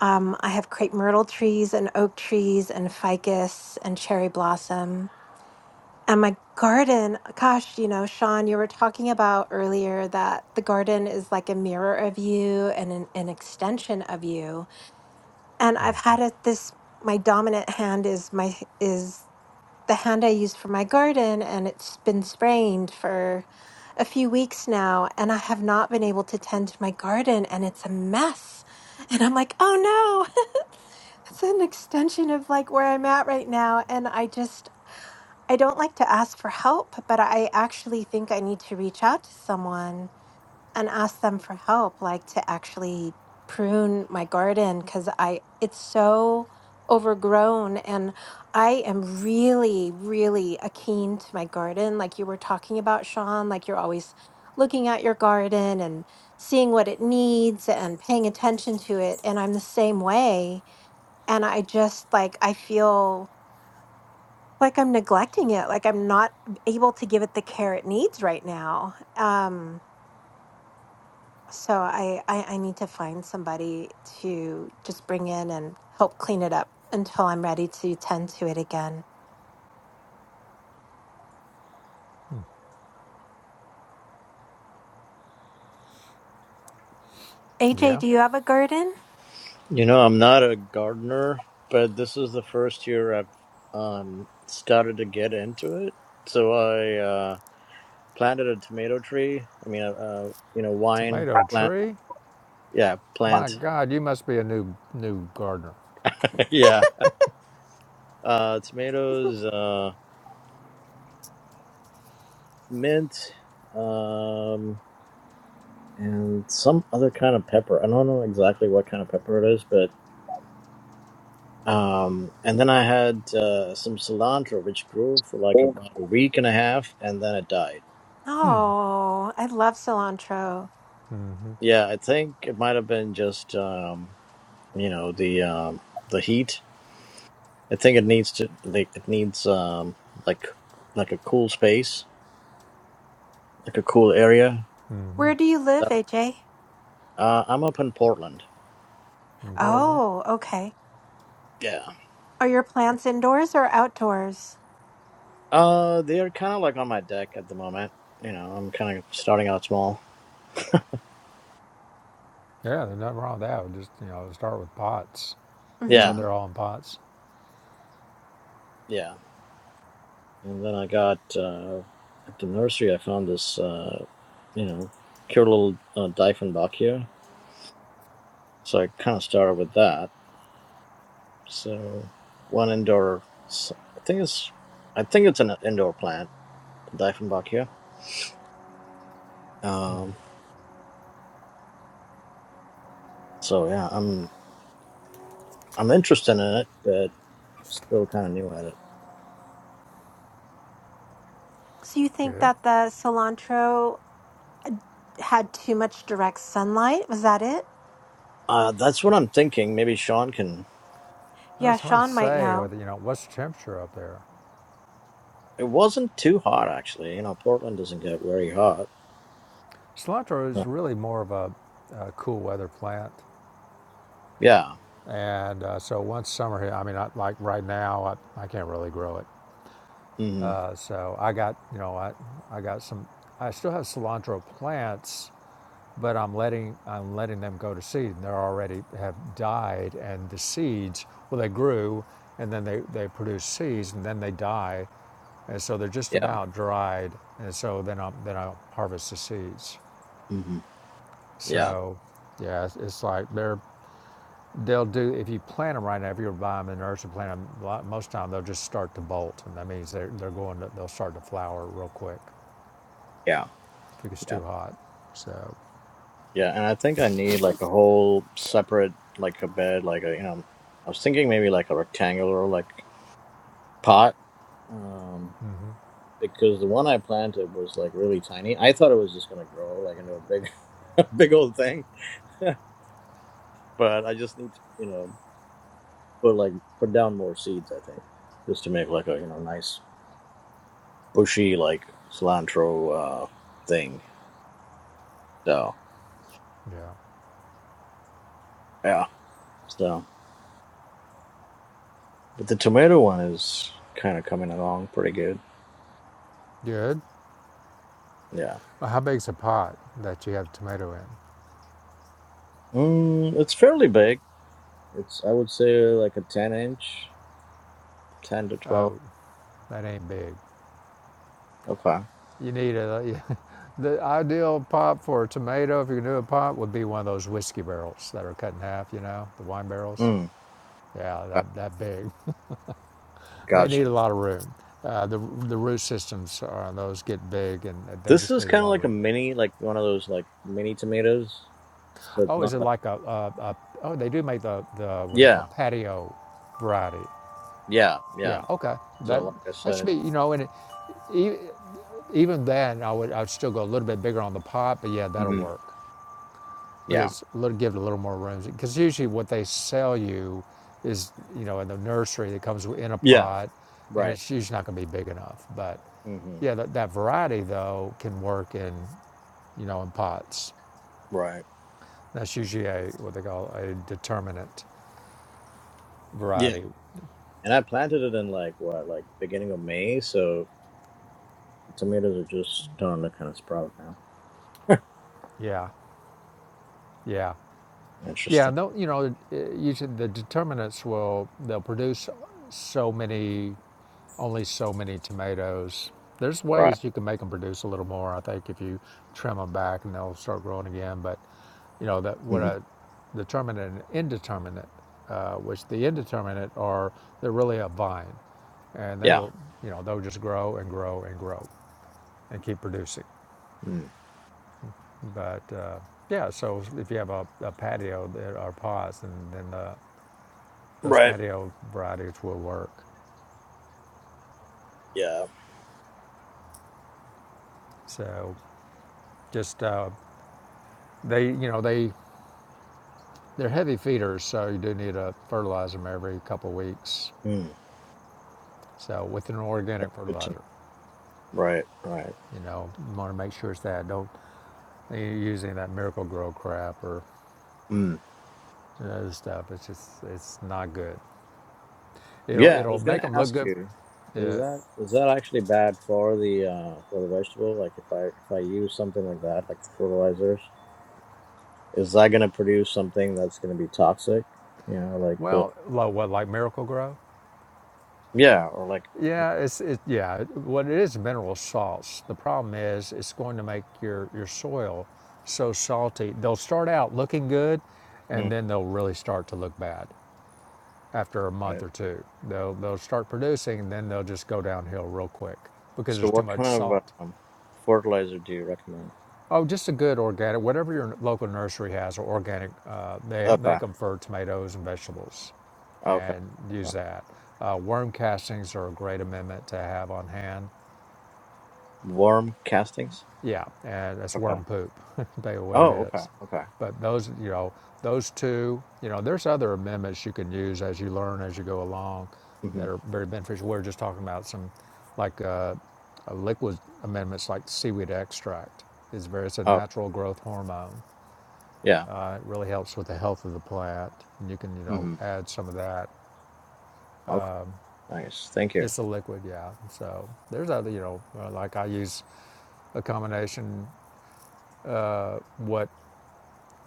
[SPEAKER 1] Um, I have crepe myrtle trees and oak trees and ficus and cherry blossom. And my garden, gosh, you know, Sean, you were talking about earlier that the garden is like a mirror of you and an, an extension of you. And I've had it this my dominant hand is my is the hand I use for my garden, and it's been sprained for a few weeks now, and I have not been able to tend to my garden, and it's a mess. And I'm like, oh no, <laughs> it's an extension of like where I'm at right now. And I just, I don't like to ask for help, but I actually think I need to reach out to someone and ask them for help like to actually prune my garden cuz I it's so overgrown and I am really really akin to my garden like you were talking about Sean like you're always looking at your garden and seeing what it needs and paying attention to it and I'm the same way and I just like I feel like I'm neglecting it like I'm not able to give it the care it needs right now um so I, I I need to find somebody to just bring in and help clean it up until I'm ready to tend to it again. AJ,
[SPEAKER 2] Yeah.
[SPEAKER 1] do you have a garden?
[SPEAKER 4] You know, I'm not a gardener, but this is the first year I've um, started to get into it. So I uh, planted a tomato tree. I mean, uh, uh, you know, wine
[SPEAKER 2] Tomato
[SPEAKER 4] plant.
[SPEAKER 2] tree.
[SPEAKER 4] Yeah,
[SPEAKER 2] My
[SPEAKER 4] plant.
[SPEAKER 2] God, you must be a new new gardener
[SPEAKER 4] <laughs> yeah, uh, tomatoes, uh, mint, um, and some other kind of pepper. I don't know exactly what kind of pepper it is, but. Um, and then I had uh, some cilantro, which grew for like about a week and a half, and then it died.
[SPEAKER 1] Oh, I love cilantro.
[SPEAKER 4] Yeah, I think it might have been just um, you know the um, the heat. I think it needs to like it needs um, like like a cool space, like a cool area.
[SPEAKER 1] Where do you live,
[SPEAKER 4] Uh,
[SPEAKER 1] AJ?
[SPEAKER 4] uh, I'm up in Portland.
[SPEAKER 2] in Portland.
[SPEAKER 1] Oh, okay.
[SPEAKER 4] Yeah.
[SPEAKER 1] Are your plants indoors or outdoors?
[SPEAKER 4] Uh, they're kind of like on my deck at the moment. You know, I'm kind of starting out small.
[SPEAKER 2] Yeah, there's nothing wrong with that. Just you know, start with pots. So
[SPEAKER 4] Yeah.
[SPEAKER 1] hmm
[SPEAKER 2] they're all in pots.
[SPEAKER 4] Yeah. And then I got uh, at the nursery. I found this, uh, you know, cute little uh, Diefenbachia. So I kind of started with that. So one indoor, I think it's, I think it's an indoor plant, the Diefenbachia. Um, so yeah, I'm I'm interested in it, but still kind of new at it.
[SPEAKER 1] So you think
[SPEAKER 2] Good.
[SPEAKER 1] that the cilantro had too much direct sunlight? Was that it?
[SPEAKER 4] Uh, that's what I'm thinking. Maybe Sean can.
[SPEAKER 2] Well,
[SPEAKER 1] Yeah,
[SPEAKER 2] it's hard to
[SPEAKER 1] Sean might
[SPEAKER 2] say
[SPEAKER 1] know.
[SPEAKER 2] whether you know what's the temperature up there.
[SPEAKER 4] It wasn't too hot actually. You know, Portland doesn't get very hot.
[SPEAKER 2] Cilantro is
[SPEAKER 4] Uh,
[SPEAKER 2] really more of a, a cool weather plant,
[SPEAKER 4] yeah.
[SPEAKER 2] and uh, so once summer hit, I mean, I, like right now, I, I can't really grow it.
[SPEAKER 4] hmm
[SPEAKER 2] Uh, so I got you know I I got some. I still have cilantro plants, but I'm letting I'm letting them go to seed, and they already have died, and the seeds well they grew, and then they they produce seeds, and then they die, and so they're just
[SPEAKER 4] Yeah.
[SPEAKER 2] about dried, and so then I then I harvest the seeds.
[SPEAKER 4] hmm Yeah.
[SPEAKER 2] So, yeah, it's, it's like they're they'll do if you plant them right now. If you buy them in the nursery, plant them. Most of the time they'll just start to bolt, and that means they're they're going to they'll start to flower real quick
[SPEAKER 4] Yeah.
[SPEAKER 2] if it gets
[SPEAKER 4] Yeah.
[SPEAKER 2] too hot. So,
[SPEAKER 4] Yeah, and I think I need like a whole separate like a bed, like a you know, I was thinking maybe like a rectangular like pot, um,
[SPEAKER 2] mm-hmm,
[SPEAKER 4] because the one I planted was like really tiny. I thought it was just gonna grow like into a big, <laughs> a big old thing, <laughs> but I just need to you know put like put down more seeds. I think just to make like a you know nice bushy like cilantro uh thing. So
[SPEAKER 2] yeah,
[SPEAKER 4] yeah, so but the tomato one is kind of coming along pretty good.
[SPEAKER 2] good.
[SPEAKER 4] Yeah.
[SPEAKER 2] Well, how big's a pot that you have tomato in?
[SPEAKER 4] Mm, it's fairly big. It's I would say like a ten inch, ten to twelve.
[SPEAKER 2] Oh, that ain't big.
[SPEAKER 4] Okay.
[SPEAKER 2] You need a, <laughs> the ideal pot for a tomato, if you can do a pot, would be one of those whiskey barrels that are cut in half, you know, the wine barrels.
[SPEAKER 4] Mm.
[SPEAKER 2] Yeah,
[SPEAKER 4] uh,
[SPEAKER 2] that, that big. They
[SPEAKER 4] Gotcha.
[SPEAKER 2] need a lot of room. Uh, the, the root systems on those get big and they
[SPEAKER 4] This
[SPEAKER 2] just
[SPEAKER 4] is
[SPEAKER 2] need a
[SPEAKER 4] kind of
[SPEAKER 2] lot of
[SPEAKER 4] like a
[SPEAKER 2] room.
[SPEAKER 4] mini, like one of those like mini tomatoes. So it's
[SPEAKER 2] Oh, is
[SPEAKER 4] not
[SPEAKER 2] it
[SPEAKER 4] like
[SPEAKER 2] like a, a, a oh, they do make the, the, what they call
[SPEAKER 4] yeah,
[SPEAKER 2] patio variety.
[SPEAKER 4] yeah, yeah.
[SPEAKER 2] Yeah, okay. That,
[SPEAKER 4] So like I
[SPEAKER 2] that
[SPEAKER 4] said,
[SPEAKER 2] should
[SPEAKER 4] it's,
[SPEAKER 2] be, you know, and it, e, Even then, I would I'd still go a little bit bigger on the pot, but yeah, that'll
[SPEAKER 4] hmm
[SPEAKER 2] work
[SPEAKER 4] yeah,
[SPEAKER 2] because it'll give it a little more room. Because usually what they sell you is you know in the nursery that comes in a
[SPEAKER 4] yeah,
[SPEAKER 2] pot, and
[SPEAKER 4] right,
[SPEAKER 2] it's usually not going to be big enough. But
[SPEAKER 4] hmm
[SPEAKER 2] yeah, that, that variety though can work in you know in pots.
[SPEAKER 4] right,
[SPEAKER 2] That's usually a what they call a determinant
[SPEAKER 4] yeah.
[SPEAKER 2] variety.
[SPEAKER 4] And I planted it in like what, like beginning of May. So the tomatoes are just starting to kind of sprout now.
[SPEAKER 2] Yeah, yeah. Yeah,
[SPEAKER 4] Interesting.
[SPEAKER 2] and you know, uh, you should, the determinants will they'll produce so many, only so many tomatoes. There's
[SPEAKER 4] Right.
[SPEAKER 2] ways you can make them produce a little more. I think if you trim them back and they'll start growing again. But you know that what
[SPEAKER 4] hmm
[SPEAKER 2] a determinant and indeterminate, uh, which the indeterminate are they're really a vine, and they
[SPEAKER 4] Yeah.
[SPEAKER 2] will you know they'll just grow and grow and grow, and keep producing.
[SPEAKER 4] Mm.
[SPEAKER 2] But uh, yeah, so if you have a, a patio there- or pods, and then the those
[SPEAKER 4] Right.
[SPEAKER 2] patio varieties will work.
[SPEAKER 4] Yeah.
[SPEAKER 2] So just uh, they, you know, they they're heavy feeders, so you do need to fertilize them every couple of weeks.
[SPEAKER 4] Mm.
[SPEAKER 2] So with an organic
[SPEAKER 4] That's good
[SPEAKER 2] fertilizer,
[SPEAKER 4] Right, right.
[SPEAKER 2] you know, you want to make sure it's that. Don't you use any of that Miracle Grow crap or
[SPEAKER 4] Mm.
[SPEAKER 2] other stuff. It's just it's not good. It'll
[SPEAKER 4] Yeah, I
[SPEAKER 2] it'll
[SPEAKER 4] was
[SPEAKER 2] make
[SPEAKER 4] gonna
[SPEAKER 2] them look
[SPEAKER 4] ask
[SPEAKER 2] good.
[SPEAKER 4] you, is
[SPEAKER 2] Uh,
[SPEAKER 4] that is that actually bad for the uh for the vegetable? Like if I if I use something like that, like the fertilizers, is that gonna produce something that's gonna be toxic? You know, like the
[SPEAKER 2] well, low what like Miracle Grow?
[SPEAKER 4] yeah, or like yeah,
[SPEAKER 2] Yeah, it's it, yeah. What it is, mineral salts. The problem is, it's going to make your your soil so salty. They'll start out looking good, and
[SPEAKER 4] mm,
[SPEAKER 2] then they'll really start to look bad after a
[SPEAKER 4] right.
[SPEAKER 2] month or two. They'll they'll start producing, and then they'll just go downhill real quick because
[SPEAKER 4] So
[SPEAKER 2] there's too
[SPEAKER 4] what
[SPEAKER 2] much
[SPEAKER 4] kind of
[SPEAKER 2] salt.
[SPEAKER 4] um, fertilizer do you recommend?
[SPEAKER 2] Oh, just a good organic, whatever your local nursery has, or organic. Uh, they
[SPEAKER 4] Okay,
[SPEAKER 2] make them for tomatoes and vegetables
[SPEAKER 4] okay,
[SPEAKER 2] and use
[SPEAKER 4] okay.
[SPEAKER 2] that. Uh, worm castings are a great amendment to have on hand.
[SPEAKER 4] Worm castings.
[SPEAKER 2] Yeah, and that's
[SPEAKER 4] Okay.
[SPEAKER 2] worm poop, <laughs> Tell you what it
[SPEAKER 4] Oh, okay,
[SPEAKER 2] is.
[SPEAKER 4] okay.
[SPEAKER 2] But those, you know, those two, you know, there's other amendments you can use as you learn as you go along
[SPEAKER 4] Mm-hmm.
[SPEAKER 2] that are very beneficial. We are just talking about some, like uh, uh, liquid amendments like seaweed extract. It's very, it's a
[SPEAKER 4] Oh,
[SPEAKER 2] natural growth hormone.
[SPEAKER 4] yeah.
[SPEAKER 2] Uh, it really helps with the health of the plant, and you can, you know,
[SPEAKER 4] Mm-hmm.
[SPEAKER 2] add some of that.
[SPEAKER 4] Okay. Nice. Thank you.
[SPEAKER 2] It's a liquid, yeah. So there's other, you know, uh, like I use a combination what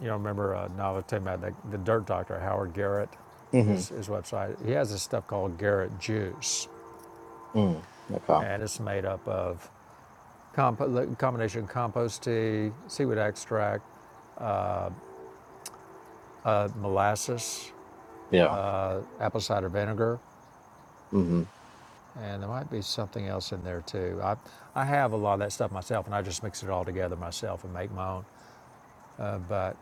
[SPEAKER 2] You know, I remember uh, now talking about the, the dirt doctor, Howard Garrett,
[SPEAKER 4] Mm-hmm.
[SPEAKER 2] his, his website. He has this stuff called Garrett Juice,
[SPEAKER 4] Mm. Okay.
[SPEAKER 2] and it's made up of compo- combination of compost tea, seaweed extract, uh, molasses,
[SPEAKER 4] Yeah.
[SPEAKER 2] apple cider vinegar,
[SPEAKER 4] Mm-hmm.
[SPEAKER 2] and there might be something else in there too. I, I have a lot of that stuff myself, and I just mix it all together myself and make my own. Uh, but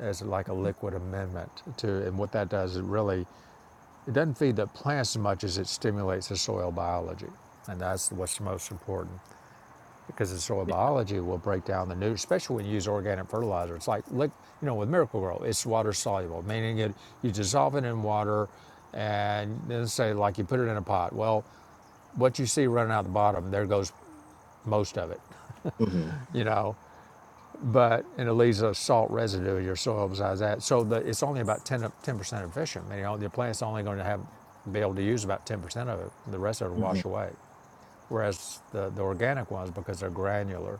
[SPEAKER 2] as like a liquid amendment to, and what that does, is it really It doesn't feed the plants as much as it stimulates the soil biology. And that's what's most important because the soil
[SPEAKER 4] Yeah.
[SPEAKER 2] biology will break down the nutrients, especially when you use organic fertilizer. It's like, like you know, with Miracle Grow, it's water soluble, meaning it you dissolve it in water and then say like you put it in a pot. Well, what you see running out the bottom, there goes most of it,
[SPEAKER 4] Mm-hmm.
[SPEAKER 2] <laughs> you know but and it leaves a salt residue in your soil besides that. So the, it's only about 10 percent efficient. You know, the plant's only going to have be able to use about ten percent of it. The rest of it will wash
[SPEAKER 4] Mm-hmm.
[SPEAKER 2] away. Whereas the, the organic ones, because they're granular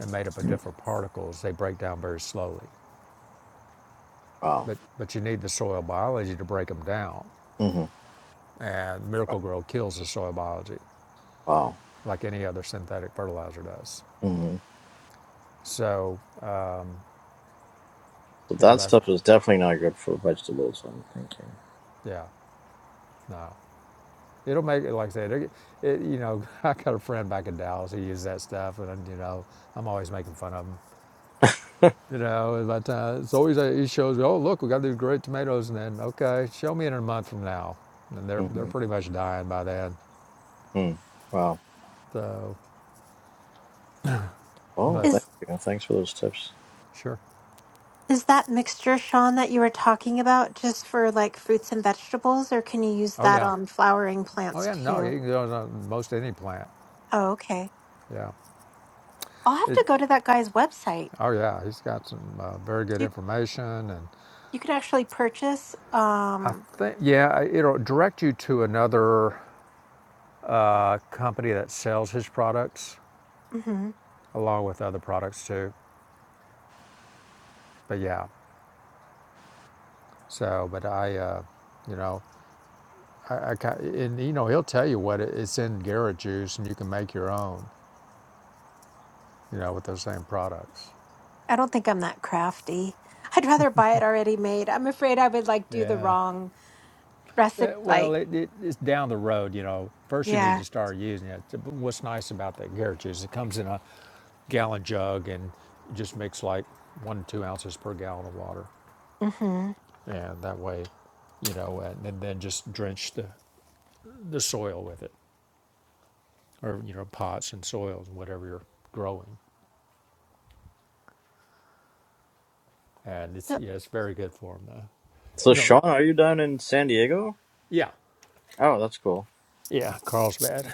[SPEAKER 2] and made up of different particles, they break down very slowly.
[SPEAKER 4] Wow.
[SPEAKER 2] But but you need the soil biology to break them down.
[SPEAKER 4] Mm-hmm.
[SPEAKER 2] And Miracle Grow kills the soil biology,
[SPEAKER 4] Wow.
[SPEAKER 2] like any other synthetic fertilizer does.
[SPEAKER 4] Mm-hmm.
[SPEAKER 2] So,
[SPEAKER 4] So
[SPEAKER 2] you know,
[SPEAKER 4] that
[SPEAKER 2] that's
[SPEAKER 4] stuff is definitely not good for vegetables. I'm thinking.
[SPEAKER 2] yeah, no. It'll make it, like I said, it, it, you know, <laughs> I got a friend back in Dallas who uses that stuff, and you know, I'm always making fun of him. You know, but uh, it's always uh, he shows me, oh look, we got these great tomatoes, and then okay, show me in a month from now, and
[SPEAKER 4] <laughs>
[SPEAKER 2] they're they're
[SPEAKER 4] Mhm.
[SPEAKER 2] pretty much dying by then.
[SPEAKER 4] mm Wow.
[SPEAKER 2] So,
[SPEAKER 4] Well,
[SPEAKER 2] but
[SPEAKER 4] thank
[SPEAKER 1] Is
[SPEAKER 4] you. Thanks for those tips.
[SPEAKER 2] sure,
[SPEAKER 1] is that mixture, Sean, that you were talking about just for like fruits and vegetables, or can you use
[SPEAKER 2] oh
[SPEAKER 1] that
[SPEAKER 2] yeah,
[SPEAKER 1] on flowering
[SPEAKER 2] oh
[SPEAKER 1] plants
[SPEAKER 2] yeah, no,
[SPEAKER 1] too?
[SPEAKER 2] you can do it on most any plant.
[SPEAKER 1] Oh, okay.
[SPEAKER 2] Yeah,
[SPEAKER 1] I'll have
[SPEAKER 2] it,
[SPEAKER 1] to go to that guy's website.
[SPEAKER 2] oh yeah, he's got some uh, very good
[SPEAKER 1] You
[SPEAKER 2] information, and
[SPEAKER 1] you can actually purchase.
[SPEAKER 2] I
[SPEAKER 1] Um,
[SPEAKER 2] think yeah, it'll direct you to another a company that sells his products
[SPEAKER 1] mhm.
[SPEAKER 2] along with other products too. But yeah, so but I, uh, you know, I, I and you know he'll tell you what it, it's in Garrett juice, and you can make your own, you know, with those same products.
[SPEAKER 1] I don't think I'm that crafty. I'd rather buy it already made. I'm afraid I would like do the
[SPEAKER 2] Yeah.
[SPEAKER 1] wrong
[SPEAKER 2] Eh,
[SPEAKER 1] recipe
[SPEAKER 2] well,
[SPEAKER 1] like
[SPEAKER 2] it, it, it's down the road, you know. First, you need
[SPEAKER 1] yeah
[SPEAKER 2] to start using it. But What's nice about that Garrett juice, it comes in a gallon jug and just mix like one to two ounces per gallon of water.
[SPEAKER 1] mm-hmm
[SPEAKER 2] And that way, you know, and, and then just drench the the soil with it, or you know pots and soils and whatever you're growing. And it's
[SPEAKER 1] so,
[SPEAKER 2] yeah, it's very good for them though.
[SPEAKER 4] So,
[SPEAKER 2] You know,
[SPEAKER 4] Sean, are you down in San Diego?
[SPEAKER 2] yeah,
[SPEAKER 4] Oh, that's cool.
[SPEAKER 2] yeah, Carlsbad,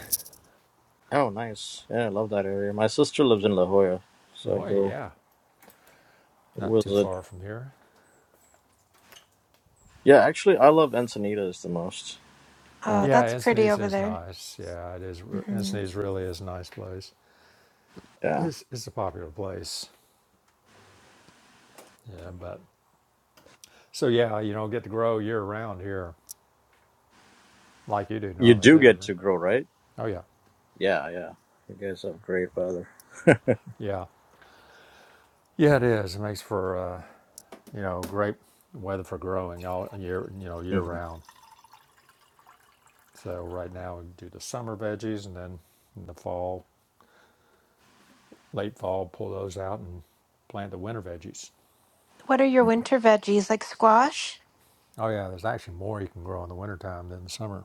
[SPEAKER 4] Oh, nice. Yeah, I love that area. My sister lives in La Jolla,
[SPEAKER 2] La
[SPEAKER 4] so I
[SPEAKER 2] Jolla,
[SPEAKER 4] go
[SPEAKER 2] yeah, not too
[SPEAKER 4] visit.
[SPEAKER 2] far from here.
[SPEAKER 4] Yeah, actually, I love Encinitas the most.
[SPEAKER 1] oh
[SPEAKER 4] Uh,
[SPEAKER 2] Yeah,
[SPEAKER 1] that's pretty
[SPEAKER 2] Encinitas
[SPEAKER 1] over
[SPEAKER 2] is
[SPEAKER 1] there
[SPEAKER 2] nice. Yeah, it is. re-
[SPEAKER 1] hmm
[SPEAKER 2] Encinitas really is a nice place.
[SPEAKER 4] yeah,
[SPEAKER 2] It's it's a popular place. Yeah, but so yeah, you know, get to grow year round here, like you do,
[SPEAKER 4] you
[SPEAKER 2] Nava
[SPEAKER 4] do
[SPEAKER 2] too.
[SPEAKER 4] get to grow, right?
[SPEAKER 2] Oh yeah,
[SPEAKER 4] Yeah, yeah. You guys have great weather.
[SPEAKER 2] yeah, yeah. It is. It makes for uh, you know great weather for growing all year. You know, year round. So right now we do the summer veggies and then in the fall, late fall, pull those out and plant the winter veggies.
[SPEAKER 1] what are your winter veggies like squash
[SPEAKER 2] Oh yeah, there's actually more you can grow in the wintertime than the summer.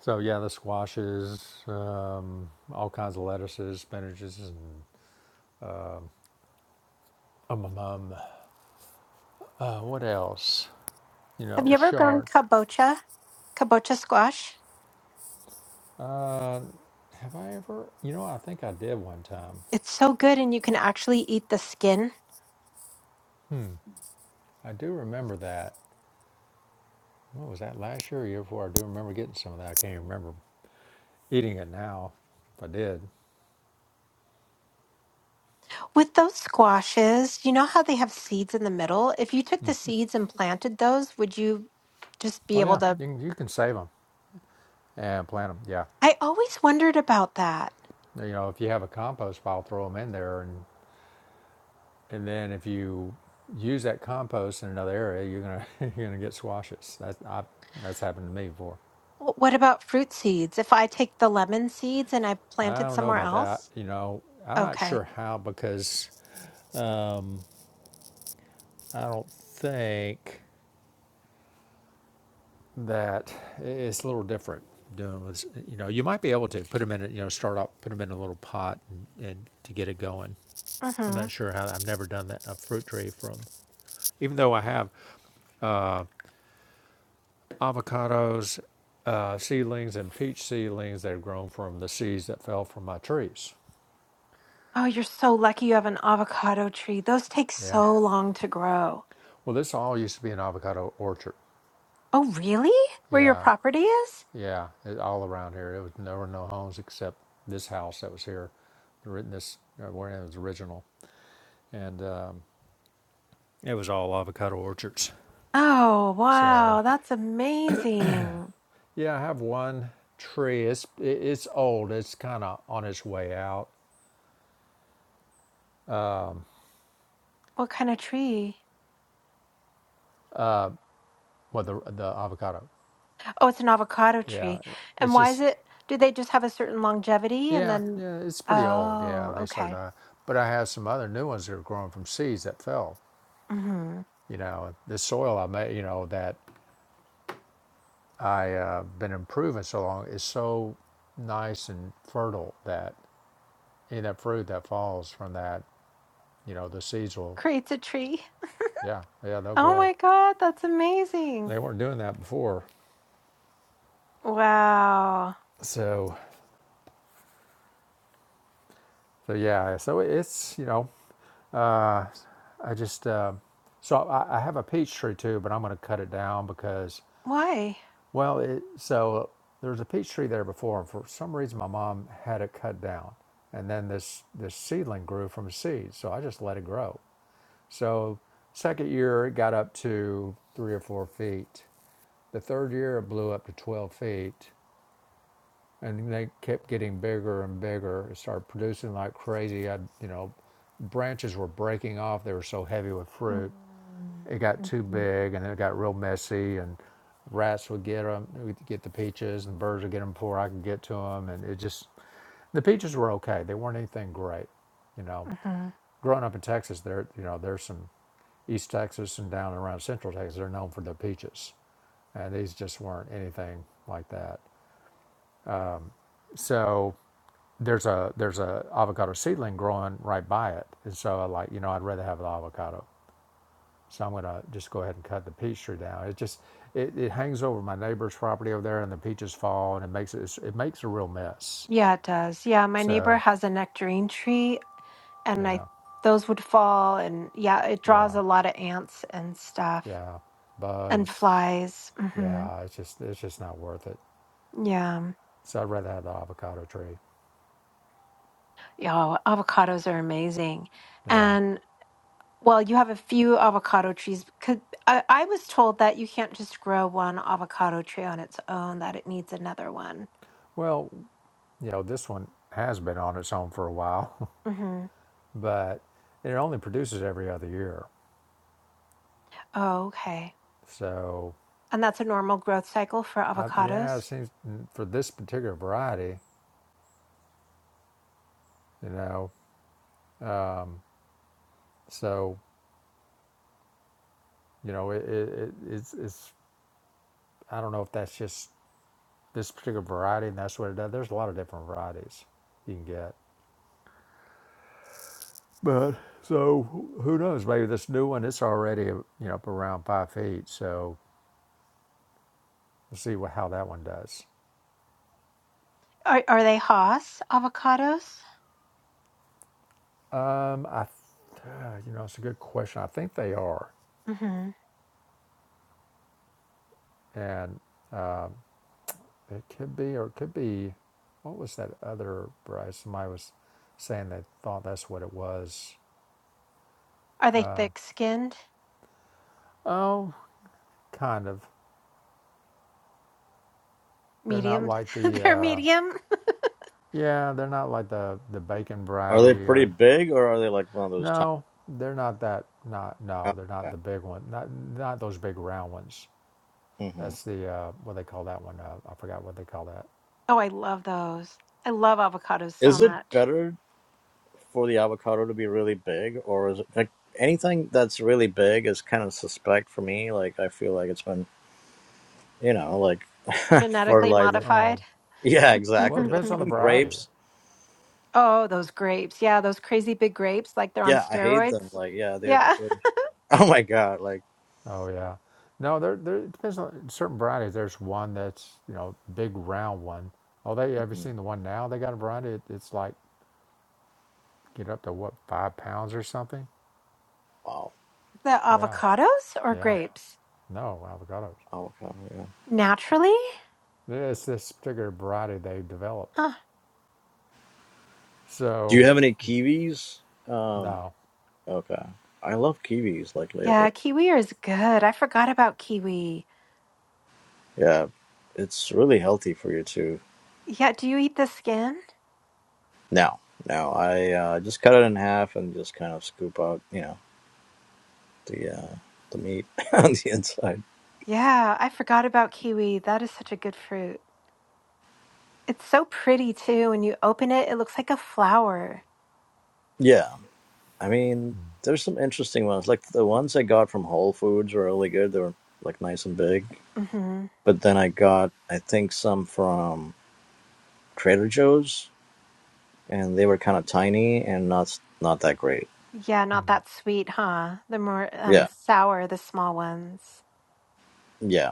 [SPEAKER 2] So yeah, the squashes, um, all kinds of lettuces, spinaches, and um, um, um, uh, what else? You
[SPEAKER 1] have
[SPEAKER 2] know,
[SPEAKER 1] you ever grown
[SPEAKER 2] chard.
[SPEAKER 1] kabocha kabocha squash
[SPEAKER 2] Uh, have I ever? You know, I think I did one time.
[SPEAKER 1] it's so good and you can actually eat the skin
[SPEAKER 2] I do remember that. What was that last year or year before? I do remember getting some of that. I can't even remember eating it now. If I did,
[SPEAKER 1] With those squashes, you know how they have seeds in the middle? If you took the seeds and planted those, would you just be
[SPEAKER 2] Oh
[SPEAKER 1] able
[SPEAKER 2] yeah,
[SPEAKER 1] to?
[SPEAKER 2] you can, you can save them and plant them. Yeah,
[SPEAKER 1] I always wondered about that.
[SPEAKER 2] you know if you have a compost pile, throw them in there, and and then if you use that compost in another area, you're gonna <laughs> you're gonna get squashes. That I that's happened to me before.
[SPEAKER 1] Wh- What about fruit seeds? If I take the lemon seeds and I plant
[SPEAKER 2] I
[SPEAKER 1] it
[SPEAKER 2] don't know
[SPEAKER 1] somewhere
[SPEAKER 2] about that.
[SPEAKER 1] else?
[SPEAKER 2] You know, I'm not
[SPEAKER 1] Okay.
[SPEAKER 2] sure how because I don't think that it's a little different doing with you know you might be able to put them in a, you know start off put them in a little pot and, and to get it going i'm
[SPEAKER 1] Mm-hmm.
[SPEAKER 2] not sure how i've never done that a fruit tree from even though i have avocados, uh, seedlings, and peach seedlings that have grown from the seeds that fell from my trees.
[SPEAKER 1] Oh, you're so lucky you have an avocado tree. Those take
[SPEAKER 2] Yeah.
[SPEAKER 1] so long to grow.
[SPEAKER 2] Well, this all used to be an avocado orchard.
[SPEAKER 1] Oh, really? Where your
[SPEAKER 2] Yeah.
[SPEAKER 1] property is?
[SPEAKER 2] Yeah. It, all around here. It was, there were no homes except this house that was here, the written this, uh, where it was original. And um, it was all avocado orchards.
[SPEAKER 1] Oh,
[SPEAKER 2] So,
[SPEAKER 1] wow. That's amazing.
[SPEAKER 2] yeah, I have one tree. It's, it, it's old. It's kind of on its way out.
[SPEAKER 1] What kind of tree?
[SPEAKER 2] Well, the, the avocado.
[SPEAKER 1] Oh, it's an avocado
[SPEAKER 2] Yeah.
[SPEAKER 1] tree. And
[SPEAKER 2] It's
[SPEAKER 1] why is
[SPEAKER 2] just,
[SPEAKER 1] it? Do they just have a certain longevity and
[SPEAKER 2] Yeah,
[SPEAKER 1] then?
[SPEAKER 2] yeah, it's pretty old. Yeah,
[SPEAKER 1] Oh,
[SPEAKER 2] they started.
[SPEAKER 1] okay.
[SPEAKER 2] Uh, but I have some other new ones that are growing from seeds that fell.
[SPEAKER 1] hmm
[SPEAKER 2] You know, the soil I made, you know, that I uh, been improving so long is so nice and fertile that any of that fruit that falls from that, you know, the seeds will,
[SPEAKER 1] Creates a tree. <laughs>
[SPEAKER 2] yeah, yeah, they'll
[SPEAKER 1] Oh
[SPEAKER 2] grow.
[SPEAKER 1] my God, that's amazing.
[SPEAKER 2] They weren't doing that before,
[SPEAKER 1] Wow.
[SPEAKER 2] so, so yeah, so it's you know, uh, I just, uh, so I, I have a peach tree too, but I'm going to cut it down because
[SPEAKER 1] Why?
[SPEAKER 2] Well, it, so uh, there was a peach tree there before, and for some reason my mom had it cut down, and then this this seedling grew from seed, so I just let it grow. So second year it got up to three or four feet. The third year it blew up to twelve feet, and they kept getting bigger and bigger. It started producing like crazy. I, you know, branches were breaking off. They were so heavy with fruit
[SPEAKER 1] Mm,
[SPEAKER 2] it got too
[SPEAKER 1] mhm,
[SPEAKER 2] big and then it got real messy and rats would get them would get the peaches and birds would get them before i could get to them and it just the peaches were okay they weren't anything great you know
[SPEAKER 1] Uh-huh.
[SPEAKER 2] growing up in texas there you know there's some east texas and down around central texas they're known for their peaches and these just weren't anything like that so there's a there's a avocado seedling growing right by it and so i like you know i'd rather have an avocado So I'm gonna just go ahead and cut the peach tree down. It just it, it hangs over my neighbor's property over there, and the peaches fall, and it makes it it makes a real mess.
[SPEAKER 1] Yeah, it does. Yeah, my neighbor
[SPEAKER 2] So
[SPEAKER 1] has a nectarine tree, and I
[SPEAKER 2] yeah,
[SPEAKER 1] those would fall, and yeah, it
[SPEAKER 2] yeah,
[SPEAKER 1] draws a lot of ants and stuff
[SPEAKER 2] yeah,
[SPEAKER 1] and
[SPEAKER 2] bugs.
[SPEAKER 1] flies. hmm
[SPEAKER 2] Yeah, it's just it's just not worth it.
[SPEAKER 1] Yeah,
[SPEAKER 2] So I'd rather have the avocado tree.
[SPEAKER 1] yeah, avocados are amazing,
[SPEAKER 2] Yeah.
[SPEAKER 1] and well, you have a few avocado trees. Could I, I was told that you can't just grow one avocado tree on its own; that it needs another one.
[SPEAKER 2] Well, you know this one has been on its own for a while,
[SPEAKER 1] hmm
[SPEAKER 2] <laughs> but it only produces every other year.
[SPEAKER 1] Oh, okay,
[SPEAKER 2] So
[SPEAKER 1] and that's a normal growth cycle for
[SPEAKER 2] I, yeah, it
[SPEAKER 1] avocados.
[SPEAKER 2] seems mm, for this particular variety, you know. So You know, it, it, it's it's I don't know if that's just this particular variety and that's what it does. There's a lot of different varieties you can get. But so wh- who knows? Maybe this new one it's already you know up around five feet. So we'll see what, how that one does.
[SPEAKER 1] Are are they Haas avocados?
[SPEAKER 2] Um, I th- uh, you know it's a good question. I think they are,
[SPEAKER 1] hmm
[SPEAKER 2] and it could be or it could be. What was that other variety? Somebody was saying they thought that's what it was.
[SPEAKER 1] Are they thick skinned?
[SPEAKER 2] Oh, kind of. They're not
[SPEAKER 1] Medium?
[SPEAKER 2] like
[SPEAKER 1] <laughs>
[SPEAKER 2] the.
[SPEAKER 1] They're
[SPEAKER 2] uh,
[SPEAKER 1] medium.
[SPEAKER 2] Yeah, they're not like the the bacon
[SPEAKER 4] Are they
[SPEAKER 2] variety
[SPEAKER 4] pretty
[SPEAKER 2] or
[SPEAKER 4] big, or are they like one of those tiny?
[SPEAKER 2] no, they're not that not no, they're not the big one. Not not those big round ones.
[SPEAKER 4] Mm-hmm.
[SPEAKER 2] That's the uh what they call that one. Uh, I forgot what they call that.
[SPEAKER 1] Oh, I love those. I love avocados so
[SPEAKER 4] Is it
[SPEAKER 1] much.
[SPEAKER 4] better for the avocado to be really big, or is it like anything that's really big is kind of suspect for me? Like I feel like it's been, you know, like <laughs>
[SPEAKER 1] Genetically
[SPEAKER 4] fertilizer.
[SPEAKER 2] Oh,
[SPEAKER 1] modified.
[SPEAKER 4] Yeah,
[SPEAKER 1] <laughs>
[SPEAKER 2] well, it
[SPEAKER 4] exactly. Like
[SPEAKER 2] depends on the
[SPEAKER 4] even
[SPEAKER 2] variety.
[SPEAKER 4] grapes.
[SPEAKER 1] oh, those grapes. Yeah, those crazy big grapes, like they're on
[SPEAKER 4] Yeah, I hate them.
[SPEAKER 1] steroids.
[SPEAKER 4] Like yeah, they're.
[SPEAKER 1] Yeah.
[SPEAKER 4] they're
[SPEAKER 1] <laughs>
[SPEAKER 4] <laughs> oh my god! Like
[SPEAKER 2] Oh yeah. No, there there it depends on certain varieties. There's one that's, you know, big round one. Oh, they have you
[SPEAKER 4] mm
[SPEAKER 2] seen the one now? They got a variety. It, it's like get up to what five pounds or something.
[SPEAKER 4] wow,
[SPEAKER 1] The
[SPEAKER 2] Yeah,
[SPEAKER 1] avocados or
[SPEAKER 2] yeah.
[SPEAKER 1] grapes?
[SPEAKER 2] No avocados.
[SPEAKER 4] avocado. Yeah.
[SPEAKER 1] Naturally?
[SPEAKER 2] It's this particular variety they developed.
[SPEAKER 1] Huh.
[SPEAKER 4] Do you
[SPEAKER 2] So
[SPEAKER 4] have any kiwis? Um.
[SPEAKER 2] no,
[SPEAKER 4] Okay. I love kiwis. Like
[SPEAKER 1] Yeah,
[SPEAKER 4] lately.
[SPEAKER 1] kiwi is good. I forgot about kiwi.
[SPEAKER 4] Yeah, it's really healthy for you too.
[SPEAKER 1] Yeah, do you eat the skin?
[SPEAKER 4] No, no. I uh, just cut it in half and just kind of scoop out, you know, the uh, the meat <laughs> on the inside.
[SPEAKER 1] Yeah, I forgot about kiwi. That is such a good fruit. It's so pretty too. When you open it, it looks like a flower.
[SPEAKER 4] Yeah, I mean,
[SPEAKER 2] Mm,
[SPEAKER 4] there's some interesting ones. Like the ones I got from Whole Foods were really good. They were like nice and big.
[SPEAKER 1] hmm
[SPEAKER 4] But then I got, I think, some from Trader Joe's, and they were kind of tiny and not not that great.
[SPEAKER 1] Yeah, not
[SPEAKER 2] mm,
[SPEAKER 1] that sweet, huh? The more um
[SPEAKER 4] Yeah,
[SPEAKER 1] sour, the small ones.
[SPEAKER 4] yeah.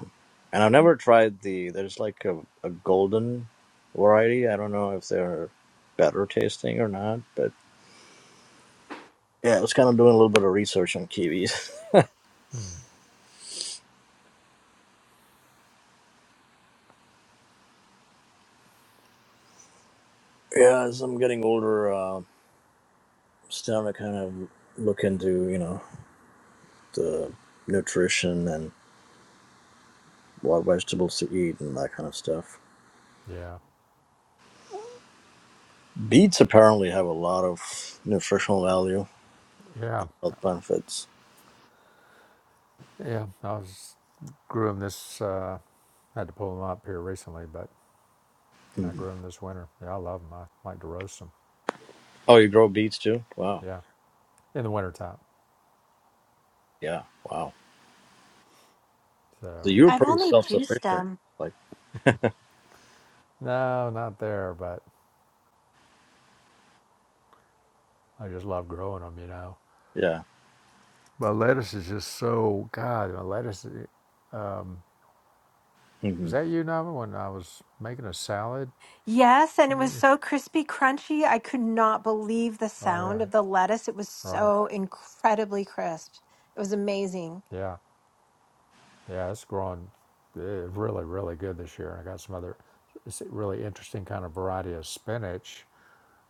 [SPEAKER 4] And I've never tried the. There's like a, a golden variety. I don't know if they're better tasting or not, but Yeah, I was kind of doing a little bit of research on kiwis. <laughs>
[SPEAKER 2] mm.
[SPEAKER 4] Yeah, as I'm getting older, uh, starting to kind of look into you know the nutrition and what vegetables to eat and that kind of stuff.
[SPEAKER 2] yeah,
[SPEAKER 4] Beets apparently have a lot of nutritional value
[SPEAKER 2] yeah,
[SPEAKER 4] and health benefits.
[SPEAKER 2] yeah. I was grew them this. Uh, had to pull them up here recently, but I
[SPEAKER 4] Mhm.
[SPEAKER 2] grew them this winter. Yeah, I love them. I like to roast them.
[SPEAKER 4] Oh, you grow beets too? Wow.
[SPEAKER 2] Yeah, in the wintertime.
[SPEAKER 4] Yeah. Wow. So
[SPEAKER 2] So
[SPEAKER 4] you're
[SPEAKER 1] I've
[SPEAKER 4] pretty
[SPEAKER 1] only juiced
[SPEAKER 4] self-sufficient.
[SPEAKER 1] them.
[SPEAKER 4] Like,
[SPEAKER 2] no, not there, but I just love growing them. You know,
[SPEAKER 4] yeah.
[SPEAKER 2] my lettuce is just so God. My lettuce was
[SPEAKER 4] hmm
[SPEAKER 2] that you, Nava, when I was making a salad.
[SPEAKER 1] Yes, and it was
[SPEAKER 2] Eh,
[SPEAKER 1] so crispy, crunchy. I could not believe the
[SPEAKER 2] Oh yeah,
[SPEAKER 1] sound of the lettuce. It was
[SPEAKER 2] right.
[SPEAKER 1] so incredibly crisp. It was amazing.
[SPEAKER 2] Yeah, Yeah, it's growing eh, really, really good this year. I got some other it's a really interesting kind of variety of spinach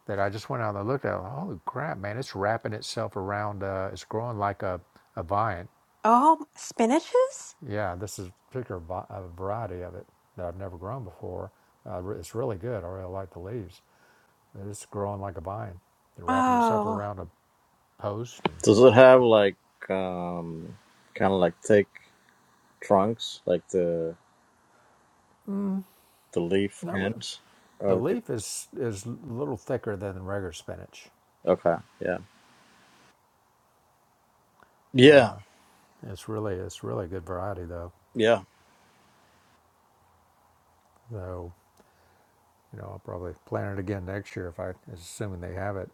[SPEAKER 2] that I just went out and looked at. Holy crap, man! It's wrapping itself around. Uh, it's growing like a, a vine.
[SPEAKER 1] Oh, spinaches?
[SPEAKER 2] Yeah, this is a particular vi- a variety of it that I've never grown before. Uh, re- it's really good. I really like the leaves. And It's growing like a vine. They're wrapping itself
[SPEAKER 1] Oh,
[SPEAKER 2] around a post and
[SPEAKER 4] Does it have like um, kind of like thick trunks, like the the leaf
[SPEAKER 2] not re-
[SPEAKER 4] ends?
[SPEAKER 2] the leaf is is a little thicker than the regular spinach.
[SPEAKER 4] Okay. Yeah.
[SPEAKER 2] I
[SPEAKER 4] Yeah.
[SPEAKER 2] know. It's really it's really a good variety though.
[SPEAKER 4] Yeah.
[SPEAKER 2] So you know I'll probably plant it again next year if I assuming they have it.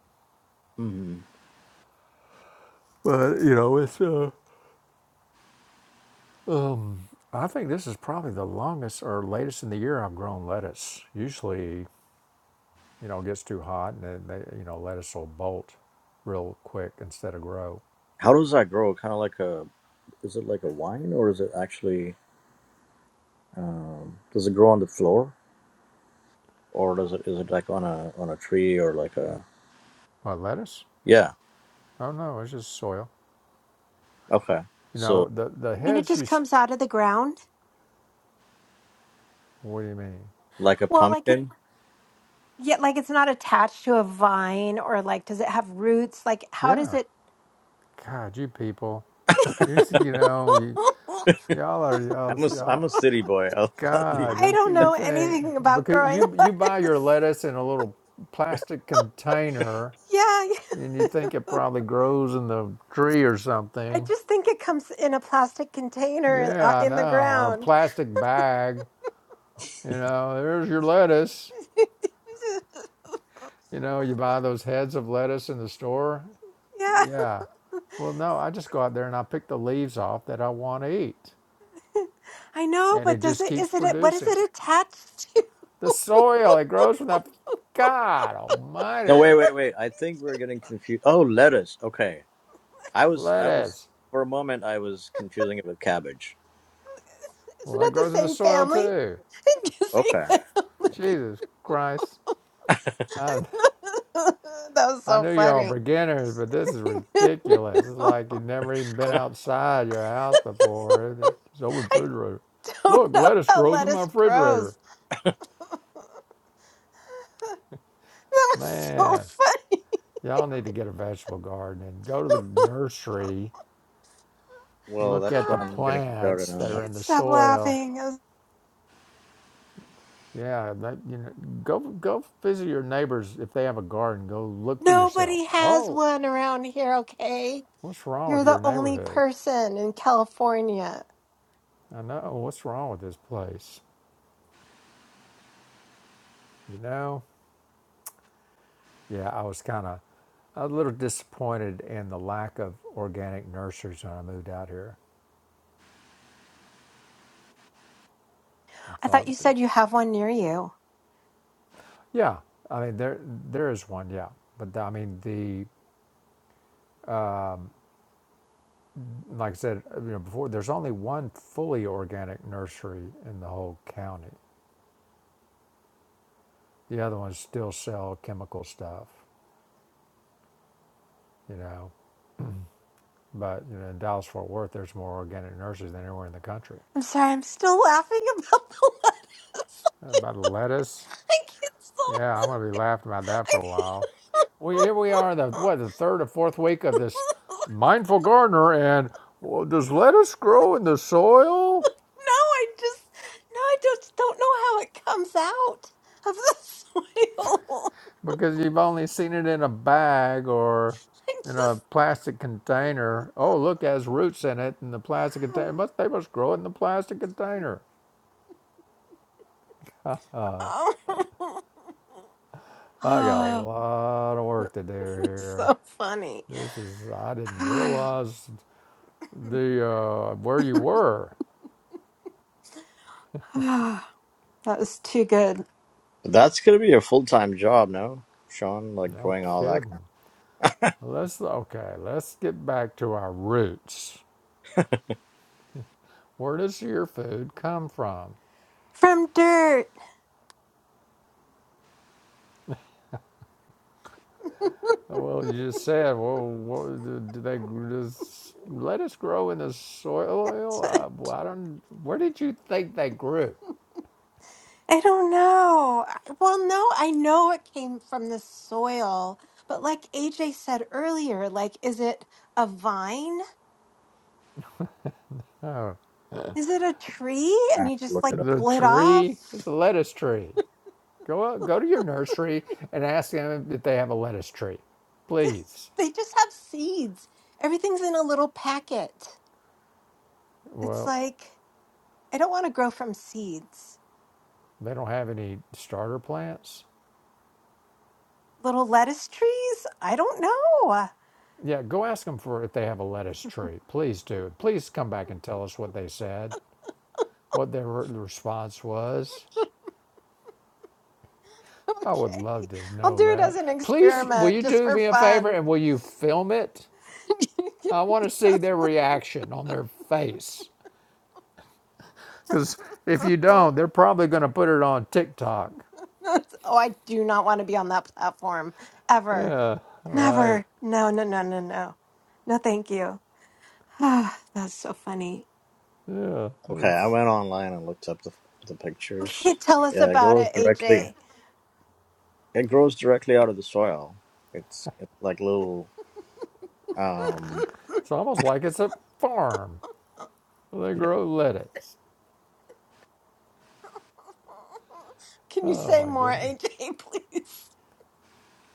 [SPEAKER 4] hmm
[SPEAKER 2] But you know it's uh. I think this is probably the longest or latest in the year I've grown lettuce. Usually you know it gets too hot and then they, you know lettuce will bolt real quick instead of grow.
[SPEAKER 4] How does that grow? Kind of like a, is it like a wine or is it actually, um, does it grow on the floor or does it, is it like on a, on a tree or like a,
[SPEAKER 2] What lettuce?
[SPEAKER 4] yeah.
[SPEAKER 2] Oh no, it's just soil.
[SPEAKER 4] Okay.
[SPEAKER 2] You
[SPEAKER 4] So
[SPEAKER 2] know the the
[SPEAKER 1] I mean, it
[SPEAKER 2] heads you.
[SPEAKER 1] just comes out of the ground.
[SPEAKER 2] What do you mean?
[SPEAKER 4] like a
[SPEAKER 1] Well, like it,
[SPEAKER 4] pumpkin?
[SPEAKER 1] yet, like it's not attached to a vine or like, does it have roots? Like, how does
[SPEAKER 2] Yeah.
[SPEAKER 1] it?
[SPEAKER 2] God, you people. You s- you know you y'all are y'all,
[SPEAKER 4] I'm a, s-
[SPEAKER 2] y'all
[SPEAKER 4] I'm a city boy. <laughs> I'll, I'll be.
[SPEAKER 2] God,
[SPEAKER 1] I
[SPEAKER 2] it-
[SPEAKER 1] don't
[SPEAKER 2] you
[SPEAKER 1] know
[SPEAKER 2] think
[SPEAKER 1] anything about
[SPEAKER 2] because
[SPEAKER 1] growing
[SPEAKER 2] you
[SPEAKER 1] <laughs>
[SPEAKER 2] you buy your
[SPEAKER 1] lettuce.
[SPEAKER 2] lettuce in a little plastic container,
[SPEAKER 1] Yeah, yeah.
[SPEAKER 2] and you think it probably grows in the tree or
[SPEAKER 1] <laughs> I
[SPEAKER 2] something.
[SPEAKER 1] just think it comes in a plastic container uh,
[SPEAKER 2] Yeah, I
[SPEAKER 1] in the
[SPEAKER 2] know, or a
[SPEAKER 1] ground.
[SPEAKER 2] plastic bag. You know, there's your lettuce.
[SPEAKER 1] <laughs>
[SPEAKER 2] You know, you buy those heads of lettuce in the store.
[SPEAKER 1] yeah,
[SPEAKER 2] Yeah. Well, no, I just go out there and I pick the leaves off that I want to eat,
[SPEAKER 1] I know,
[SPEAKER 2] and it
[SPEAKER 1] but does
[SPEAKER 2] just
[SPEAKER 1] it?
[SPEAKER 2] keeps
[SPEAKER 1] Is it? What is
[SPEAKER 2] producing.
[SPEAKER 1] it attached to?
[SPEAKER 2] The soil it grows from that. God Almighty,
[SPEAKER 4] No, wait,
[SPEAKER 2] what
[SPEAKER 4] wait, wait. I think we're getting confused. Oh, lettuce. Okay. I was, I was,
[SPEAKER 2] lettuce!
[SPEAKER 4] for a moment, I was confusing it with cabbage.
[SPEAKER 1] <laughs>
[SPEAKER 2] Well,
[SPEAKER 1] Isn't
[SPEAKER 2] that
[SPEAKER 1] it the
[SPEAKER 2] grows in the
[SPEAKER 1] same
[SPEAKER 2] soil
[SPEAKER 1] family?
[SPEAKER 2] too.
[SPEAKER 1] <laughs> The same
[SPEAKER 4] Okay.
[SPEAKER 1] family. <laughs>
[SPEAKER 2] Jesus Christ. I,
[SPEAKER 1] that was
[SPEAKER 2] I
[SPEAKER 1] so
[SPEAKER 2] know you're all
[SPEAKER 1] funny.
[SPEAKER 2] beginners, but this is ridiculous. It's
[SPEAKER 1] <laughs>
[SPEAKER 2] like you've never even been
[SPEAKER 4] <laughs>
[SPEAKER 2] outside your house before. It's open
[SPEAKER 1] I
[SPEAKER 2] refrigerator.
[SPEAKER 1] don't
[SPEAKER 2] Look,
[SPEAKER 1] know
[SPEAKER 2] lettuce
[SPEAKER 1] how
[SPEAKER 2] grows in my
[SPEAKER 1] lettuce grows.
[SPEAKER 2] refrigerator.
[SPEAKER 1] That's so
[SPEAKER 2] Man,
[SPEAKER 1] funny.
[SPEAKER 2] y'all need to get a vegetable garden and go to the
[SPEAKER 1] <laughs>
[SPEAKER 2] nursery.
[SPEAKER 4] Well,
[SPEAKER 2] Look
[SPEAKER 4] that's
[SPEAKER 2] at
[SPEAKER 4] why
[SPEAKER 2] the
[SPEAKER 1] I
[SPEAKER 4] I'm getting started
[SPEAKER 2] plants that
[SPEAKER 4] on.
[SPEAKER 2] are in
[SPEAKER 1] can't
[SPEAKER 2] the
[SPEAKER 1] stop
[SPEAKER 2] soil.
[SPEAKER 1] laughing.
[SPEAKER 2] Yeah, that, you know, go go visit your neighbors if they have a garden. Go look for yourself.
[SPEAKER 1] Nobody has
[SPEAKER 2] Oh,
[SPEAKER 1] one around here, okay?
[SPEAKER 2] what's wrong
[SPEAKER 1] You're
[SPEAKER 2] with
[SPEAKER 1] the
[SPEAKER 2] your
[SPEAKER 1] only
[SPEAKER 2] neighborhood?
[SPEAKER 1] person in California.
[SPEAKER 2] I know what's wrong with this place. You know, yeah, I was kind of a little disappointed in the lack of organic nurseries when I moved out here. I
[SPEAKER 1] I
[SPEAKER 2] thought,
[SPEAKER 1] thought you said you have one near you.
[SPEAKER 2] yeah, I mean there there is one, yeah, but I mean the like I said you know before, there's only one fully organic nursery in the whole county. The other ones still sell chemical stuff, you know. But you know, in Dallas Fort Worth, there's more organic nurseries than anywhere in the country.
[SPEAKER 1] I'm sorry, I'm still laughing about the lettuce. <laughs>
[SPEAKER 2] About lettuce,
[SPEAKER 1] I can't stop.
[SPEAKER 2] Yeah,
[SPEAKER 1] I-
[SPEAKER 2] I'm gonna be laughing about that for
[SPEAKER 1] can't-
[SPEAKER 2] a while. We here we are the
[SPEAKER 1] <laughs>
[SPEAKER 2] what the third or fourth week of this
[SPEAKER 1] no,
[SPEAKER 2] mindful gardener, and well, does lettuce grow in the soil?
[SPEAKER 1] I just, no, I just don't know how it comes out of the soil. <laughs>
[SPEAKER 2] Because you've only seen it in a bag or
[SPEAKER 1] I
[SPEAKER 2] in a
[SPEAKER 1] just.
[SPEAKER 2] plastic container. Oh,
[SPEAKER 1] <laughs>
[SPEAKER 2] look, it has roots in it in the plastic container.
[SPEAKER 1] oh,
[SPEAKER 2] Must they must grow it in the plastic container?
[SPEAKER 1] <sighs> <laughs>
[SPEAKER 2] I got a
[SPEAKER 1] oh,
[SPEAKER 2] lot of work to do
[SPEAKER 1] <laughs>
[SPEAKER 2] here.
[SPEAKER 1] so funny.
[SPEAKER 2] This is I
[SPEAKER 1] <sighs>
[SPEAKER 2] didn't
[SPEAKER 1] that
[SPEAKER 2] realize the uh, where you were.
[SPEAKER 1] was too good.
[SPEAKER 4] That's gonna be a full time job, no, Sean? Like
[SPEAKER 2] No
[SPEAKER 4] doing all that.
[SPEAKER 2] kidding.
[SPEAKER 4] Kind
[SPEAKER 2] Let's okay. Let's get back to our roots. Where does your food come from?
[SPEAKER 1] From dirt. <laughs>
[SPEAKER 2] Well, you just said. Well, what, do they does lettuce grow in the soil? Uh, well, I don't. Where did you think they grew?
[SPEAKER 1] I don't know. I- Well, no, I know it came from the soil, but like AJ said earlier, like, is it a vine?
[SPEAKER 2] Oh,
[SPEAKER 1] Is it a tree? And
[SPEAKER 4] of
[SPEAKER 1] you just
[SPEAKER 4] look
[SPEAKER 1] like
[SPEAKER 4] it up.
[SPEAKER 2] the
[SPEAKER 1] pull it
[SPEAKER 2] tree.
[SPEAKER 1] off?
[SPEAKER 2] It's a lettuce tree. Go out, go to your nursery and ask them if they have a lettuce tree,
[SPEAKER 1] <laughs>
[SPEAKER 2] please.
[SPEAKER 1] they just have seeds. Everything's in a little packet. It's
[SPEAKER 2] Well,
[SPEAKER 1] like, I don't want to grow from seeds.
[SPEAKER 2] they don't have any starter plants.
[SPEAKER 1] Little lettuce trees? I don't know.
[SPEAKER 2] Yeah, go ask them for if they have a lettuce tree. Please do. Please come back and tell us what they said, what their re- response was.
[SPEAKER 1] <laughs>
[SPEAKER 2] I would
[SPEAKER 1] okay.
[SPEAKER 2] love to
[SPEAKER 1] I'll
[SPEAKER 2] know
[SPEAKER 1] do it as
[SPEAKER 2] that.
[SPEAKER 1] an
[SPEAKER 2] Please, will
[SPEAKER 1] experiment
[SPEAKER 2] you
[SPEAKER 1] just
[SPEAKER 2] do
[SPEAKER 1] for
[SPEAKER 2] me a favor
[SPEAKER 1] fun.
[SPEAKER 2] and will you film it?
[SPEAKER 1] <laughs>
[SPEAKER 2] I want to see their reaction on their face. Because if you
[SPEAKER 1] oh,
[SPEAKER 2] don't, they're probably going to put it on TikTok.
[SPEAKER 1] I do not want to be on that platform ever.
[SPEAKER 2] Yeah, right.
[SPEAKER 1] Never. No, no, no, no, no. No, thank you. <sighs> That's so funny.
[SPEAKER 2] Yeah,
[SPEAKER 4] Okay, I
[SPEAKER 2] it's,
[SPEAKER 4] went online and looked up the the
[SPEAKER 1] Okay,
[SPEAKER 4] pictures.
[SPEAKER 1] tell us
[SPEAKER 4] Yeah, it
[SPEAKER 1] about
[SPEAKER 4] grows
[SPEAKER 1] it,
[SPEAKER 4] directly.
[SPEAKER 1] AJ.
[SPEAKER 4] It grows directly out of the soil. It's it's like little. Um.
[SPEAKER 2] it's almost like it's a farm. They
[SPEAKER 4] Yeah.
[SPEAKER 2] grow lettuce.
[SPEAKER 1] Can you
[SPEAKER 2] Oh,
[SPEAKER 1] say
[SPEAKER 2] my
[SPEAKER 1] more,
[SPEAKER 2] goodness.
[SPEAKER 1] AJ, please?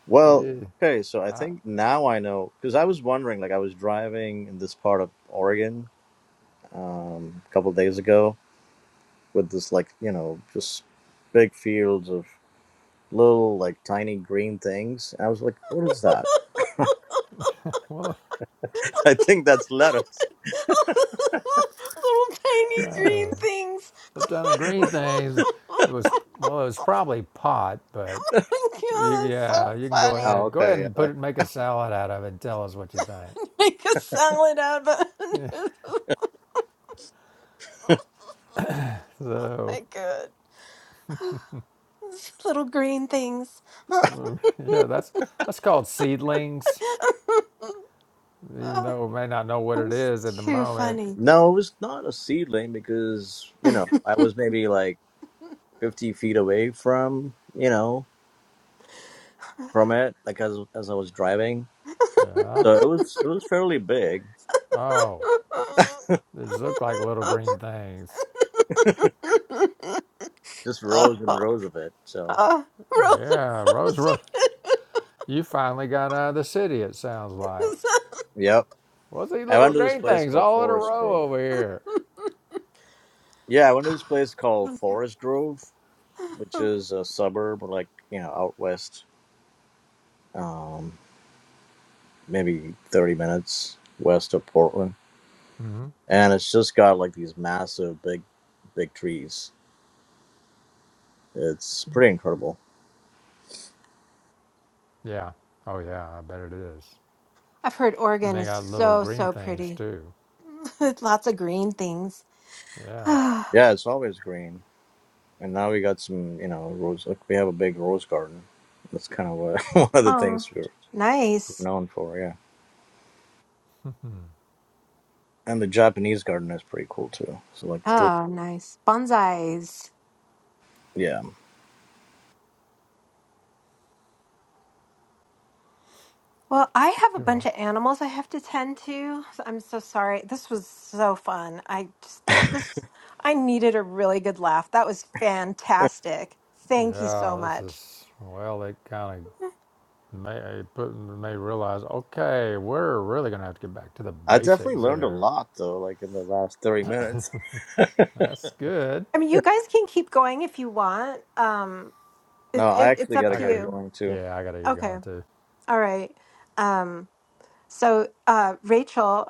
[SPEAKER 4] Well.
[SPEAKER 2] Gee.
[SPEAKER 4] Okay. So I think now I know because I was wondering. Like I was driving in this part of Oregon um, a couple days ago with this like you know just big fields of little like tiny green things. And I was like, what is that?
[SPEAKER 2] Well,
[SPEAKER 4] <laughs> I think that's lettuce.
[SPEAKER 1] <laughs> Little tiny
[SPEAKER 2] God.
[SPEAKER 1] green things.
[SPEAKER 2] Flipped on the green
[SPEAKER 1] <laughs>
[SPEAKER 2] things. It was well, it was probably pot, but
[SPEAKER 1] God,
[SPEAKER 2] you,
[SPEAKER 1] that's so
[SPEAKER 2] yeah, you can go
[SPEAKER 1] funny.
[SPEAKER 4] Oh,
[SPEAKER 2] ahead, go ahead
[SPEAKER 4] okay. Yeah,
[SPEAKER 2] and put
[SPEAKER 4] like,
[SPEAKER 2] it, make a salad out of it, and tell us what you
[SPEAKER 1] <laughs> Make a salad out of it.
[SPEAKER 2] think. <laughs>
[SPEAKER 1] <laughs>
[SPEAKER 2] Yeah,
[SPEAKER 1] oh
[SPEAKER 2] so
[SPEAKER 1] my god. <sighs> Those Little green things. <laughs> oh,
[SPEAKER 2] well, yeah, that's that's called seedlings, even though we may not know what it
[SPEAKER 1] that's
[SPEAKER 2] is at the
[SPEAKER 1] too
[SPEAKER 2] moment.
[SPEAKER 1] funny.
[SPEAKER 4] No, it was not a seedling because, you know, I was maybe like 50 feet away from, you know,
[SPEAKER 1] <laughs>
[SPEAKER 4] from it, like as as I was driving.
[SPEAKER 1] oh,
[SPEAKER 2] Yeah.
[SPEAKER 4] So it was it was fairly big,
[SPEAKER 2] Oh, they just look like little green things.
[SPEAKER 4] just rows and rows of it. So,
[SPEAKER 1] uh, roller
[SPEAKER 2] Yeah, Rose,
[SPEAKER 1] coaster.
[SPEAKER 2] Ro- you finally got out of the city. It sounds like.
[SPEAKER 4] yep.
[SPEAKER 2] What's these
[SPEAKER 4] I
[SPEAKER 2] little
[SPEAKER 4] went to this
[SPEAKER 2] green
[SPEAKER 4] place
[SPEAKER 2] things
[SPEAKER 4] called
[SPEAKER 2] all in a
[SPEAKER 4] Forest Grove.
[SPEAKER 2] row over here?
[SPEAKER 4] Yeah, I went to this place called
[SPEAKER 1] Oh, yeah.
[SPEAKER 4] Forest Grove, which is a suburb, like, you know, out west, um, maybe 30 minutes west of Portland.
[SPEAKER 2] Mm-hmm.
[SPEAKER 4] and it's just got like these massive big big trees it's pretty incredible
[SPEAKER 2] Yeah. Oh, yeah. I bet it is.
[SPEAKER 1] I've heard
[SPEAKER 2] And
[SPEAKER 1] Oregon
[SPEAKER 2] they
[SPEAKER 1] is
[SPEAKER 2] got little
[SPEAKER 1] so,
[SPEAKER 2] green
[SPEAKER 1] so
[SPEAKER 2] things
[SPEAKER 1] pretty.
[SPEAKER 2] too.
[SPEAKER 1] <laughs> With lots of green things. <sighs>
[SPEAKER 2] Yeah.
[SPEAKER 1] oh,
[SPEAKER 4] yeah it's always green and now we got some you know rose like we have a big rose garden that's kind of what, <laughs> one of the things we're we're
[SPEAKER 1] nice.
[SPEAKER 4] known for yeah
[SPEAKER 2] Hmm.
[SPEAKER 4] and the japanese garden is pretty cool too so like those,
[SPEAKER 1] Oh, nice. Bonsais.
[SPEAKER 4] yeah
[SPEAKER 1] Well, I have a bunch
[SPEAKER 2] Cool.
[SPEAKER 1] of animals I have to tend to. So I'm so sorry. This was so fun. I just this I needed a really good laugh. That was fantastic. Thank you so
[SPEAKER 2] Yeah. This
[SPEAKER 1] much.
[SPEAKER 2] is well. They kind of may it put may realize. Okay, we're really gonna have to get back to the
[SPEAKER 4] i definitely
[SPEAKER 2] basics
[SPEAKER 4] learned a
[SPEAKER 2] here.
[SPEAKER 4] lot though like in the last 30 minutes <laughs>
[SPEAKER 2] That's good.
[SPEAKER 1] I mean, you guys can keep going if you want. Um, it,
[SPEAKER 4] no i
[SPEAKER 1] it, it's
[SPEAKER 4] actually
[SPEAKER 1] up
[SPEAKER 4] gotta
[SPEAKER 2] I
[SPEAKER 1] to
[SPEAKER 4] get
[SPEAKER 2] gotta.
[SPEAKER 1] you.
[SPEAKER 4] going too
[SPEAKER 2] Yeah, I gotta get
[SPEAKER 1] Okay.
[SPEAKER 2] going too.
[SPEAKER 1] All right. Um, So, uh, Rachel,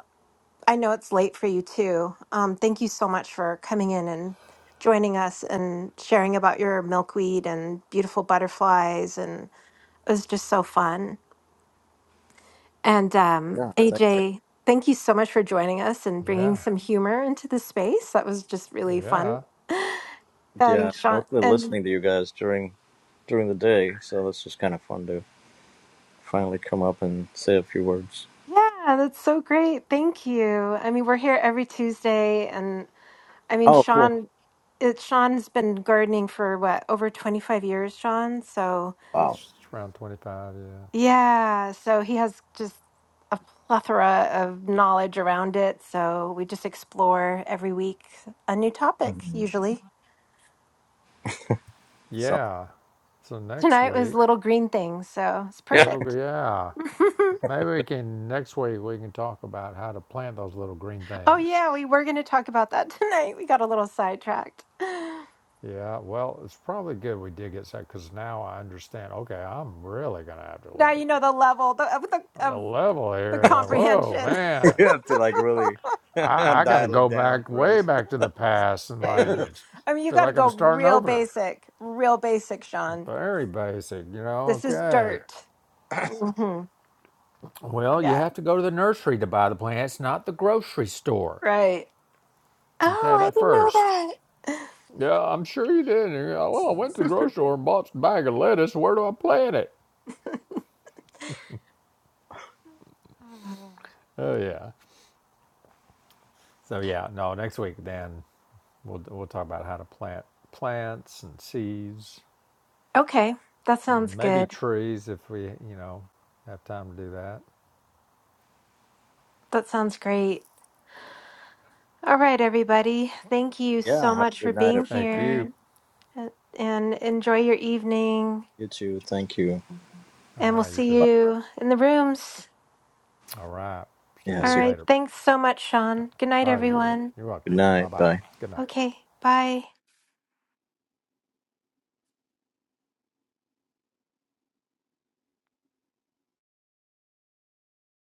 [SPEAKER 1] I know it's late for you too. Um, thank you so much for coming in and joining us and sharing about your milkweed and beautiful butterflies. And it was just so fun. And um,
[SPEAKER 4] yeah thank you
[SPEAKER 1] AJ, thank you so much for joining us and bringing
[SPEAKER 2] Yeah.
[SPEAKER 1] some humor into the space. That was just really fun.
[SPEAKER 2] Yeah.
[SPEAKER 4] yeah
[SPEAKER 1] And Sean,
[SPEAKER 4] mostly
[SPEAKER 1] and
[SPEAKER 4] listening to you guys during during the day so that's just kind of fun too finally come up and say a few words.
[SPEAKER 1] yeah, that's so great. Thank you. I mean, we're here every Tuesday, I mean,
[SPEAKER 4] Oh, cool!
[SPEAKER 1] Sean, it, Sean's been gardening for what, over 25 years, Sean? So,
[SPEAKER 2] It's
[SPEAKER 4] Wow.
[SPEAKER 2] just around twenty-five. Yeah.
[SPEAKER 1] yeah, so he has just a plethora of knowledge around it. So, we just explore every week a new topic,
[SPEAKER 4] Mhm.
[SPEAKER 1] usually.
[SPEAKER 4] So
[SPEAKER 2] Yeah. So next
[SPEAKER 1] Tonight was
[SPEAKER 2] week,
[SPEAKER 1] little green things, so it's
[SPEAKER 4] yeah,
[SPEAKER 2] little gr-
[SPEAKER 1] perfect.
[SPEAKER 2] yeah.
[SPEAKER 1] <laughs>
[SPEAKER 2] Maybe we can next week we can talk about how to plant those little green
[SPEAKER 1] oh,
[SPEAKER 2] things.
[SPEAKER 1] yeah, we were going to talk about that <laughs> tonight. We got a little sidetracked. Now
[SPEAKER 2] Yeah, well, it's probably good we did get sick because now I understand. Okay, I'm really gonna have to like
[SPEAKER 1] you know the level the, of, the,
[SPEAKER 2] on the
[SPEAKER 1] of
[SPEAKER 2] level
[SPEAKER 1] the
[SPEAKER 2] here. Like, whoa,
[SPEAKER 1] comprehension.
[SPEAKER 4] <laughs> you
[SPEAKER 2] man,
[SPEAKER 4] have to like really <laughs>
[SPEAKER 2] I, I got to
[SPEAKER 4] dial
[SPEAKER 2] go
[SPEAKER 4] it down,
[SPEAKER 2] back way
[SPEAKER 4] Perez.
[SPEAKER 2] back to the past and
[SPEAKER 1] Yeah, I
[SPEAKER 2] like
[SPEAKER 1] mean,
[SPEAKER 4] <coughs>
[SPEAKER 2] I'm, s-
[SPEAKER 1] I mean, you
[SPEAKER 2] feel
[SPEAKER 1] got to
[SPEAKER 2] like I'm
[SPEAKER 1] go
[SPEAKER 2] starting
[SPEAKER 1] real
[SPEAKER 2] over.
[SPEAKER 1] basic, real basic, Sean.
[SPEAKER 2] Very basic, you know.
[SPEAKER 1] This is
[SPEAKER 2] Okay.
[SPEAKER 1] dirt.
[SPEAKER 4] <laughs>
[SPEAKER 1] hmm
[SPEAKER 2] Well, you
[SPEAKER 1] Yeah,
[SPEAKER 2] have to go to the nursery to buy the plants, not the grocery store.
[SPEAKER 1] right.
[SPEAKER 2] Okay,
[SPEAKER 1] Oh,
[SPEAKER 2] that first.
[SPEAKER 1] I didn't know that. <sighs>
[SPEAKER 2] Yeah, I'm sure you did. And you're like, well, I went to the grocery store and bought a bag of lettuce. Where do I plant it?
[SPEAKER 1] Uh,
[SPEAKER 2] Oh yeah. So yeah, no. Next week, then We'll we'll talk about how to plant plants and seeds
[SPEAKER 1] Okay, that sounds
[SPEAKER 2] and maybe
[SPEAKER 1] good.
[SPEAKER 2] trees if we you know have time to do that.
[SPEAKER 1] That sounds great. All right, everybody. Thank you so
[SPEAKER 4] yeah. Have a
[SPEAKER 1] much for
[SPEAKER 4] good night,
[SPEAKER 1] being
[SPEAKER 2] Thank
[SPEAKER 4] everyone.
[SPEAKER 2] you.
[SPEAKER 1] here uh, and enjoy your evening.
[SPEAKER 4] You too. Thank you.
[SPEAKER 2] All
[SPEAKER 1] And we'll
[SPEAKER 2] right, you
[SPEAKER 1] see
[SPEAKER 2] too.
[SPEAKER 4] Bye.
[SPEAKER 1] you in the rooms.
[SPEAKER 2] All right. See
[SPEAKER 1] All
[SPEAKER 2] you
[SPEAKER 4] Yes. you-
[SPEAKER 1] right.
[SPEAKER 2] later.
[SPEAKER 1] Thanks so much, Sean. Good night,
[SPEAKER 2] All right. Yeah,
[SPEAKER 1] everyone.
[SPEAKER 2] you're
[SPEAKER 4] Good
[SPEAKER 2] welcome. Bye
[SPEAKER 4] night.
[SPEAKER 2] bye.
[SPEAKER 4] Bye.
[SPEAKER 2] Good night.
[SPEAKER 1] Okay, bye.